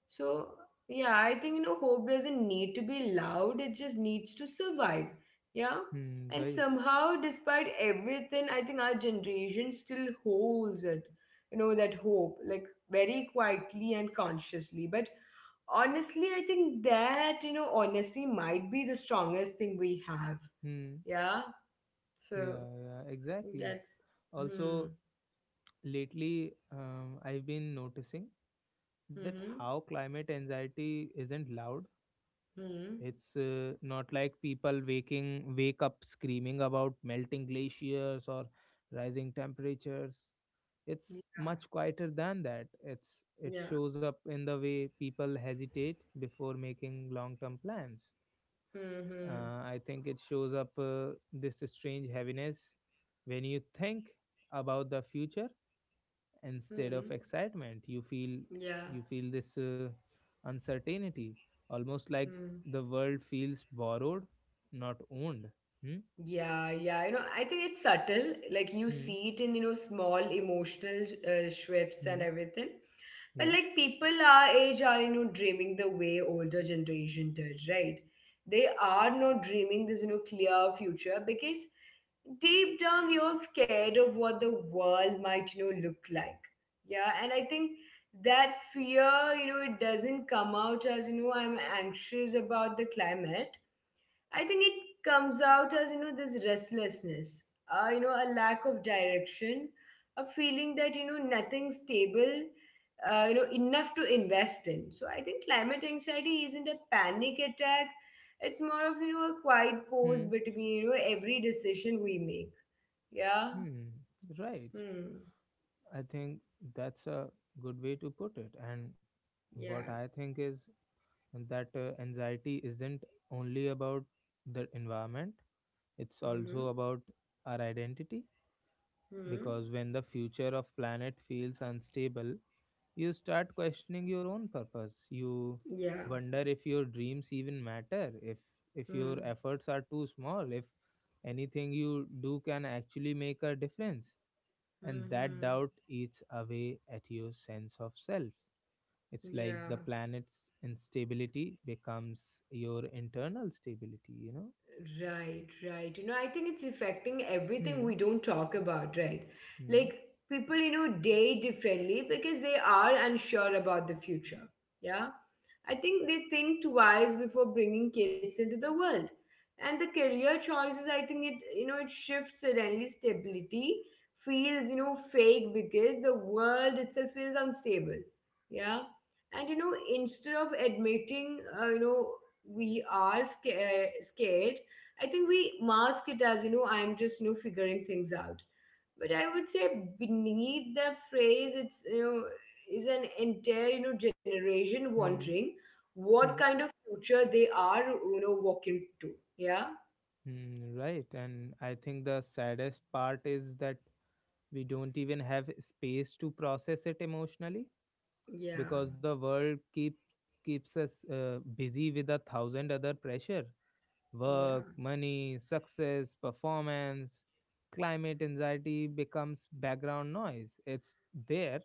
Speaker 2: So, yeah, I think, you know, hope doesn't need to be loud, it just needs to survive. Yeah.
Speaker 1: Hmm,
Speaker 2: And
Speaker 1: right.
Speaker 2: somehow, despite everything, I think our generation still holds it, you know, that hope, like very quietly and consciously. But honestly, I think that, you know, honesty might be the strongest thing we have.
Speaker 1: Hmm.
Speaker 2: Yeah. So
Speaker 1: Yeah, yeah, exactly.
Speaker 2: that's,
Speaker 1: Also,
Speaker 2: hmm,
Speaker 1: lately, I've been noticing that
Speaker 2: hmm,
Speaker 1: how climate anxiety isn't loud.
Speaker 2: hmm.
Speaker 1: It's not like people waking wake up screaming about melting glaciers or rising temperatures. It's
Speaker 2: Yeah.
Speaker 1: much quieter than that. It
Speaker 2: Yeah.
Speaker 1: shows up in the way people hesitate before making long-term plans.
Speaker 2: Hmm. Hmm.
Speaker 1: Uh, I think it shows up, this strange heaviness when you think about the future. Instead of
Speaker 2: Hmm.
Speaker 1: excitement,
Speaker 2: Yeah.
Speaker 1: you feel this uncertainty, almost like
Speaker 2: Hmm.
Speaker 1: the world feels borrowed, not owned. Hmm?
Speaker 2: Yeah, yeah. You know, I think it's subtle. Like you
Speaker 1: Hmm?
Speaker 2: see it in, you know, small emotional shifts
Speaker 1: Hmm?
Speaker 2: and everything. But
Speaker 1: Yeah.
Speaker 2: like people our age are, you know, dreaming the way older generation did, right? They are not dreaming this, you know, clear future because deep down we're all scared of what the world might, you know, look like. Yeah, and I think that fear, you know, it doesn't come out as, you know, I'm anxious about the climate. I think it comes out as, you know, this restlessness, you know, a lack of direction, a feeling that, you know, nothing's stable, you know, enough to invest in. So I think climate anxiety isn't a panic attack. It's more of, you know, a quiet pause
Speaker 1: Hmm?
Speaker 2: between, you know, every decision we make. Yeah.
Speaker 1: Hmm? Right.
Speaker 2: Hmm.
Speaker 1: I think that's a good way to put it.
Speaker 2: Yeah.
Speaker 1: And what I think is that, anxiety isn't only about the environment, it's
Speaker 2: Mm-hmm.
Speaker 1: also about our identity.
Speaker 2: Hmm.
Speaker 1: Because when the future of planet feels unstable, you start questioning your own purpose. You
Speaker 2: Yeah.
Speaker 1: wonder if your dreams even matter, if your
Speaker 2: Hmm.
Speaker 1: efforts are too small, if anything you do can actually make a difference. And that
Speaker 2: Mm-hmm.
Speaker 1: doubt eats away at your sense of self. It's like the
Speaker 2: Yeah.
Speaker 1: planet's instability becomes your internal stability, you know.
Speaker 2: Right, right. You know, I think it's affecting everything
Speaker 1: Hmm.
Speaker 2: we don't talk about, right?
Speaker 1: Hmm.
Speaker 2: Like people, you know, date differently because they are unsure about the future. Yeah. I think they think twice before bringing kids into the world. And the career choices, I think it, you know, it shifts suddenly. Stability feels, you know, fake because the world itself feels unstable. Yeah. And, you know, instead of admitting, you know, scared. I think we mask it as, you know, I'm just, you know, figuring things out, but I would say beneath the phrase, it's, you know, is an entire, you know, generation
Speaker 1: Hmm.
Speaker 2: wondering what
Speaker 1: Hmm.
Speaker 2: kind of future they are, you know, walking to. Yeah,
Speaker 1: Hmm. Right. And I think the saddest part is that we don't even have space to process it emotionally,
Speaker 2: yeah,
Speaker 1: because the world keeps us busy with a thousand other pressure, work,
Speaker 2: yeah.
Speaker 1: money, success, performance. Climate anxiety becomes background noise. It's there,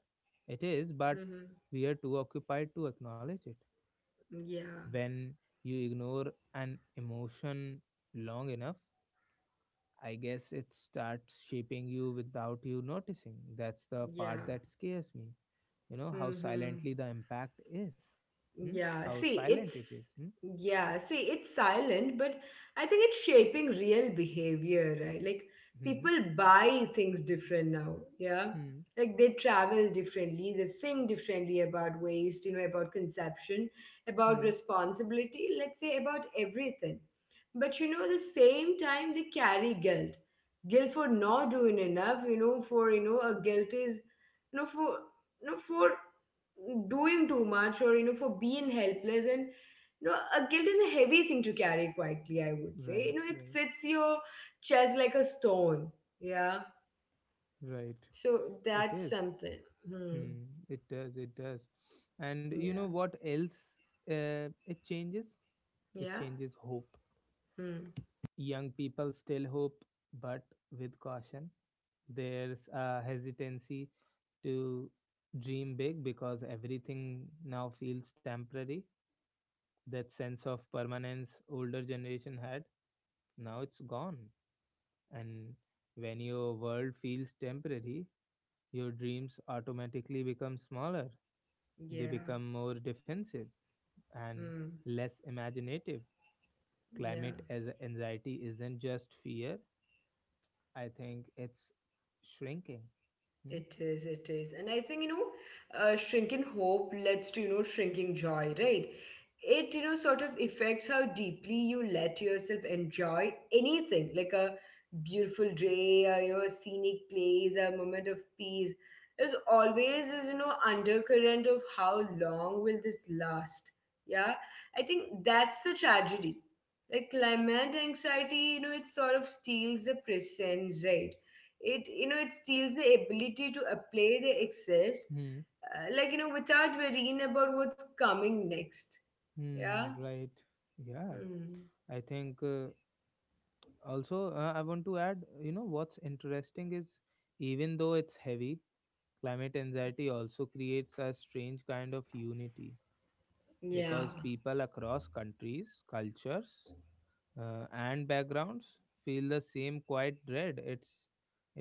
Speaker 1: it is, but
Speaker 2: Hmm.
Speaker 1: we are too occupied to acknowledge it.
Speaker 2: Yeah,
Speaker 1: When you ignore an emotion long enough, I guess it starts shaping you without you noticing. That's the part
Speaker 2: yeah.
Speaker 1: that scares me, you know, how
Speaker 2: Hmm.
Speaker 1: silently the impact is. Hmm?
Speaker 2: Yeah,
Speaker 1: How
Speaker 2: see,
Speaker 1: silent it is.
Speaker 2: it's
Speaker 1: Hmm?
Speaker 2: yeah, see, it's silent, but I think it's shaping real behavior, right? Like
Speaker 1: Hmm,
Speaker 2: people buy things different now, yeah.
Speaker 1: hmm,
Speaker 2: Like they travel differently, they think differently about waste, you know, about conception, about
Speaker 1: hmm.
Speaker 2: responsibility, let's say about everything. But you know, at the same time, they carry guilt. Guilt for not doing enough, you know, for, you know, a guilt is, you know, for, you know, for doing too much, or you know, for being helpless. And you know, a guilt is a heavy thing to carry quietly, I would say. You
Speaker 1: Right,
Speaker 2: know, it
Speaker 1: right.
Speaker 2: sits your chest like a stone. Yeah,
Speaker 1: Right.
Speaker 2: so
Speaker 1: It
Speaker 2: that's
Speaker 1: is.
Speaker 2: something. Hmm.
Speaker 1: Hmm. It does, it does. And you know
Speaker 2: Yeah,
Speaker 1: what else, uh, it changes, it
Speaker 2: yeah.
Speaker 1: changes hope.
Speaker 2: Hmm.
Speaker 1: Young people still hope, but with caution. There's a hesitancy to dream big because everything now feels temporary. That sense of permanence older generation had, now it's gone. And when your world feels temporary, your dreams automatically become smaller. They
Speaker 2: Yeah.
Speaker 1: become more defensive and
Speaker 2: Hmm.
Speaker 1: less imaginative.
Speaker 2: Yeah.
Speaker 1: Climate as anxiety isn't just fear, I think it's shrinking. Hmm?
Speaker 2: It is, it is. And I think, you know, shrinking hope leads to, you know, shrinking joy, right? It, you know, sort of affects how deeply you let yourself enjoy anything, like a beautiful day, a, you know, a scenic place, a moment of peace. There's always this, you know, undercurrent of how long will this last? Yeah. I think that's the tragedy. Like climate anxiety, you know, it sort of steals the presence, right? It, you know, it steals the ability to apply the excess,
Speaker 1: Hmm.
Speaker 2: like you know, without worrying about what's coming next.
Speaker 1: Hmm.
Speaker 2: Yeah.
Speaker 1: Right. Yeah.
Speaker 2: Hmm.
Speaker 1: I think, also, I want to add, you know, what's interesting is, even though it's heavy, climate anxiety also creates a strange kind of unity.
Speaker 2: Yeah,
Speaker 1: Because people across countries, cultures, and backgrounds feel the same quiet dread. It's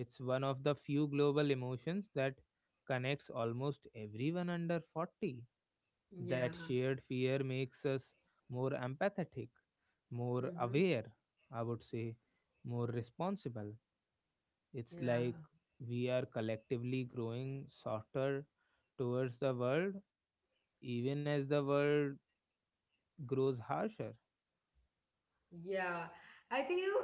Speaker 1: it's one of the few global emotions that connects almost everyone under 40. That
Speaker 2: yeah.
Speaker 1: shared fear makes us more empathetic, more
Speaker 2: Hmm.
Speaker 1: aware, I would say, more responsible. It's
Speaker 2: Yeah,
Speaker 1: like we are collectively growing softer towards the world, even as the world grows harsher.
Speaker 2: yeah. I think you know,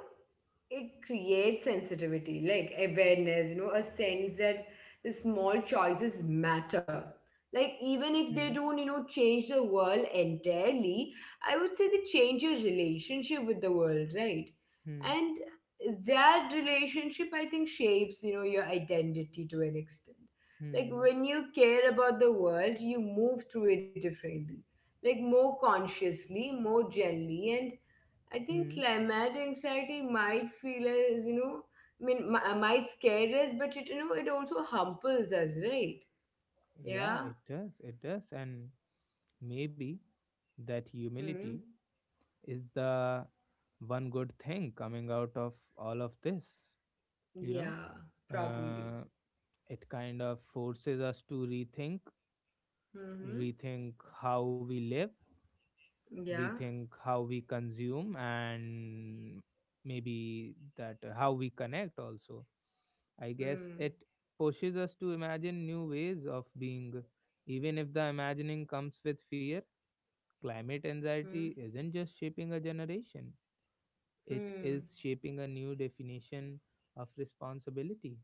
Speaker 2: it creates sensitivity, like awareness, you know, a sense that the small choices matter. Like, even if they
Speaker 1: Hmm,
Speaker 2: don't, you know, change the world entirely, I would say they change your relationship with the world, right?
Speaker 1: hmm,
Speaker 2: And that relationship, I think, shapes, you know, your identity to an extent. Like,
Speaker 1: hmm,
Speaker 2: when you care about the world, you move through it differently, like, more consciously, more gently, and I think
Speaker 1: hmm.
Speaker 2: climate anxiety might feel as, you know, might scare us, but it, you know, it also humbles us, right?
Speaker 1: Yeah,
Speaker 2: Yeah.
Speaker 1: it does. It does. And maybe that
Speaker 2: Hmm.
Speaker 1: humility is the one good thing coming out of all of this, you know?
Speaker 2: Yeah, probably.
Speaker 1: Uh, it kind of forces us to rethink,
Speaker 2: Mm-hmm.
Speaker 1: rethink how we live,
Speaker 2: Yeah.
Speaker 1: rethink how we consume, and maybe that, how we connect also. I guess
Speaker 2: Hmm.
Speaker 1: it pushes us to imagine new ways of being, even if the imagining comes with fear. Climate
Speaker 2: Hmm.
Speaker 1: anxiety isn't just shaping a generation, it
Speaker 2: Hmm.
Speaker 1: is shaping a new definition of responsibility.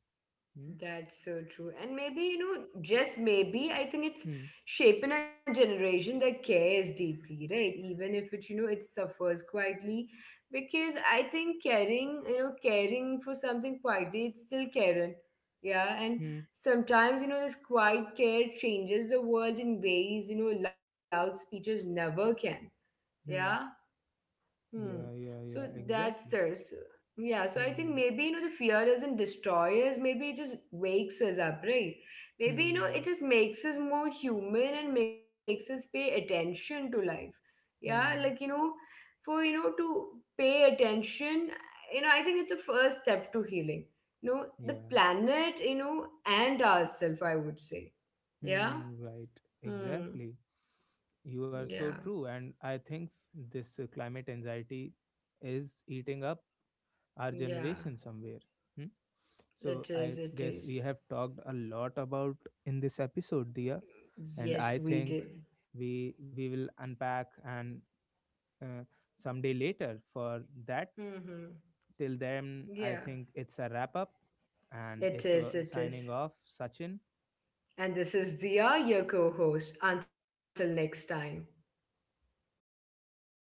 Speaker 1: Hmm?
Speaker 2: That's so true. And maybe, you know, just maybe, I think it's
Speaker 1: Hmm.
Speaker 2: shaping a generation that cares deeply, right? Even if it, you know, it suffers quietly. Because I think caring, you know, caring for something quietly, it's still caring. Yeah. And
Speaker 1: Hmm.
Speaker 2: sometimes, you know, this quiet care changes the world in ways, you know, loud speeches never can. Yeah.
Speaker 1: Hmm.
Speaker 2: Hmm.
Speaker 1: Yeah, yeah,
Speaker 2: So
Speaker 1: yeah,
Speaker 2: that's
Speaker 1: exactly.
Speaker 2: there. So, yeah. So I think
Speaker 1: Hmm.
Speaker 2: maybe you know, the fear doesn't destroy us. Maybe it just wakes us up, right? Maybe you know,
Speaker 1: Hmm.
Speaker 2: it just makes us more human and makes us pay attention to life. Yeah, like you
Speaker 1: Hmm.
Speaker 2: know, for you know, to pay attention, you know, I think it's a first step to healing. You know, the
Speaker 1: Yeah.
Speaker 2: planet, you know, and ourselves, I would say. Yeah.
Speaker 1: Hmm, right,
Speaker 2: Hmm.
Speaker 1: exactly. You
Speaker 2: Yeah.
Speaker 1: are so true. And I think this climate anxiety is eating up our
Speaker 2: Yeah.
Speaker 1: generation somewhere. Hmm?
Speaker 2: It
Speaker 1: So
Speaker 2: is.
Speaker 1: I
Speaker 2: It is.
Speaker 1: guess we have talked a lot about in this episode, Dia, and
Speaker 2: Yes,
Speaker 1: I
Speaker 2: we
Speaker 1: think
Speaker 2: did.
Speaker 1: we will unpack and uh, someday later for that.
Speaker 2: Hmm.
Speaker 1: Till then,
Speaker 2: Yeah,
Speaker 1: I think it's a wrap up, and
Speaker 2: it
Speaker 1: it,
Speaker 2: is. It
Speaker 1: signing
Speaker 2: is.
Speaker 1: off, Sachin.
Speaker 2: And this is Dia, your co host. Until next time.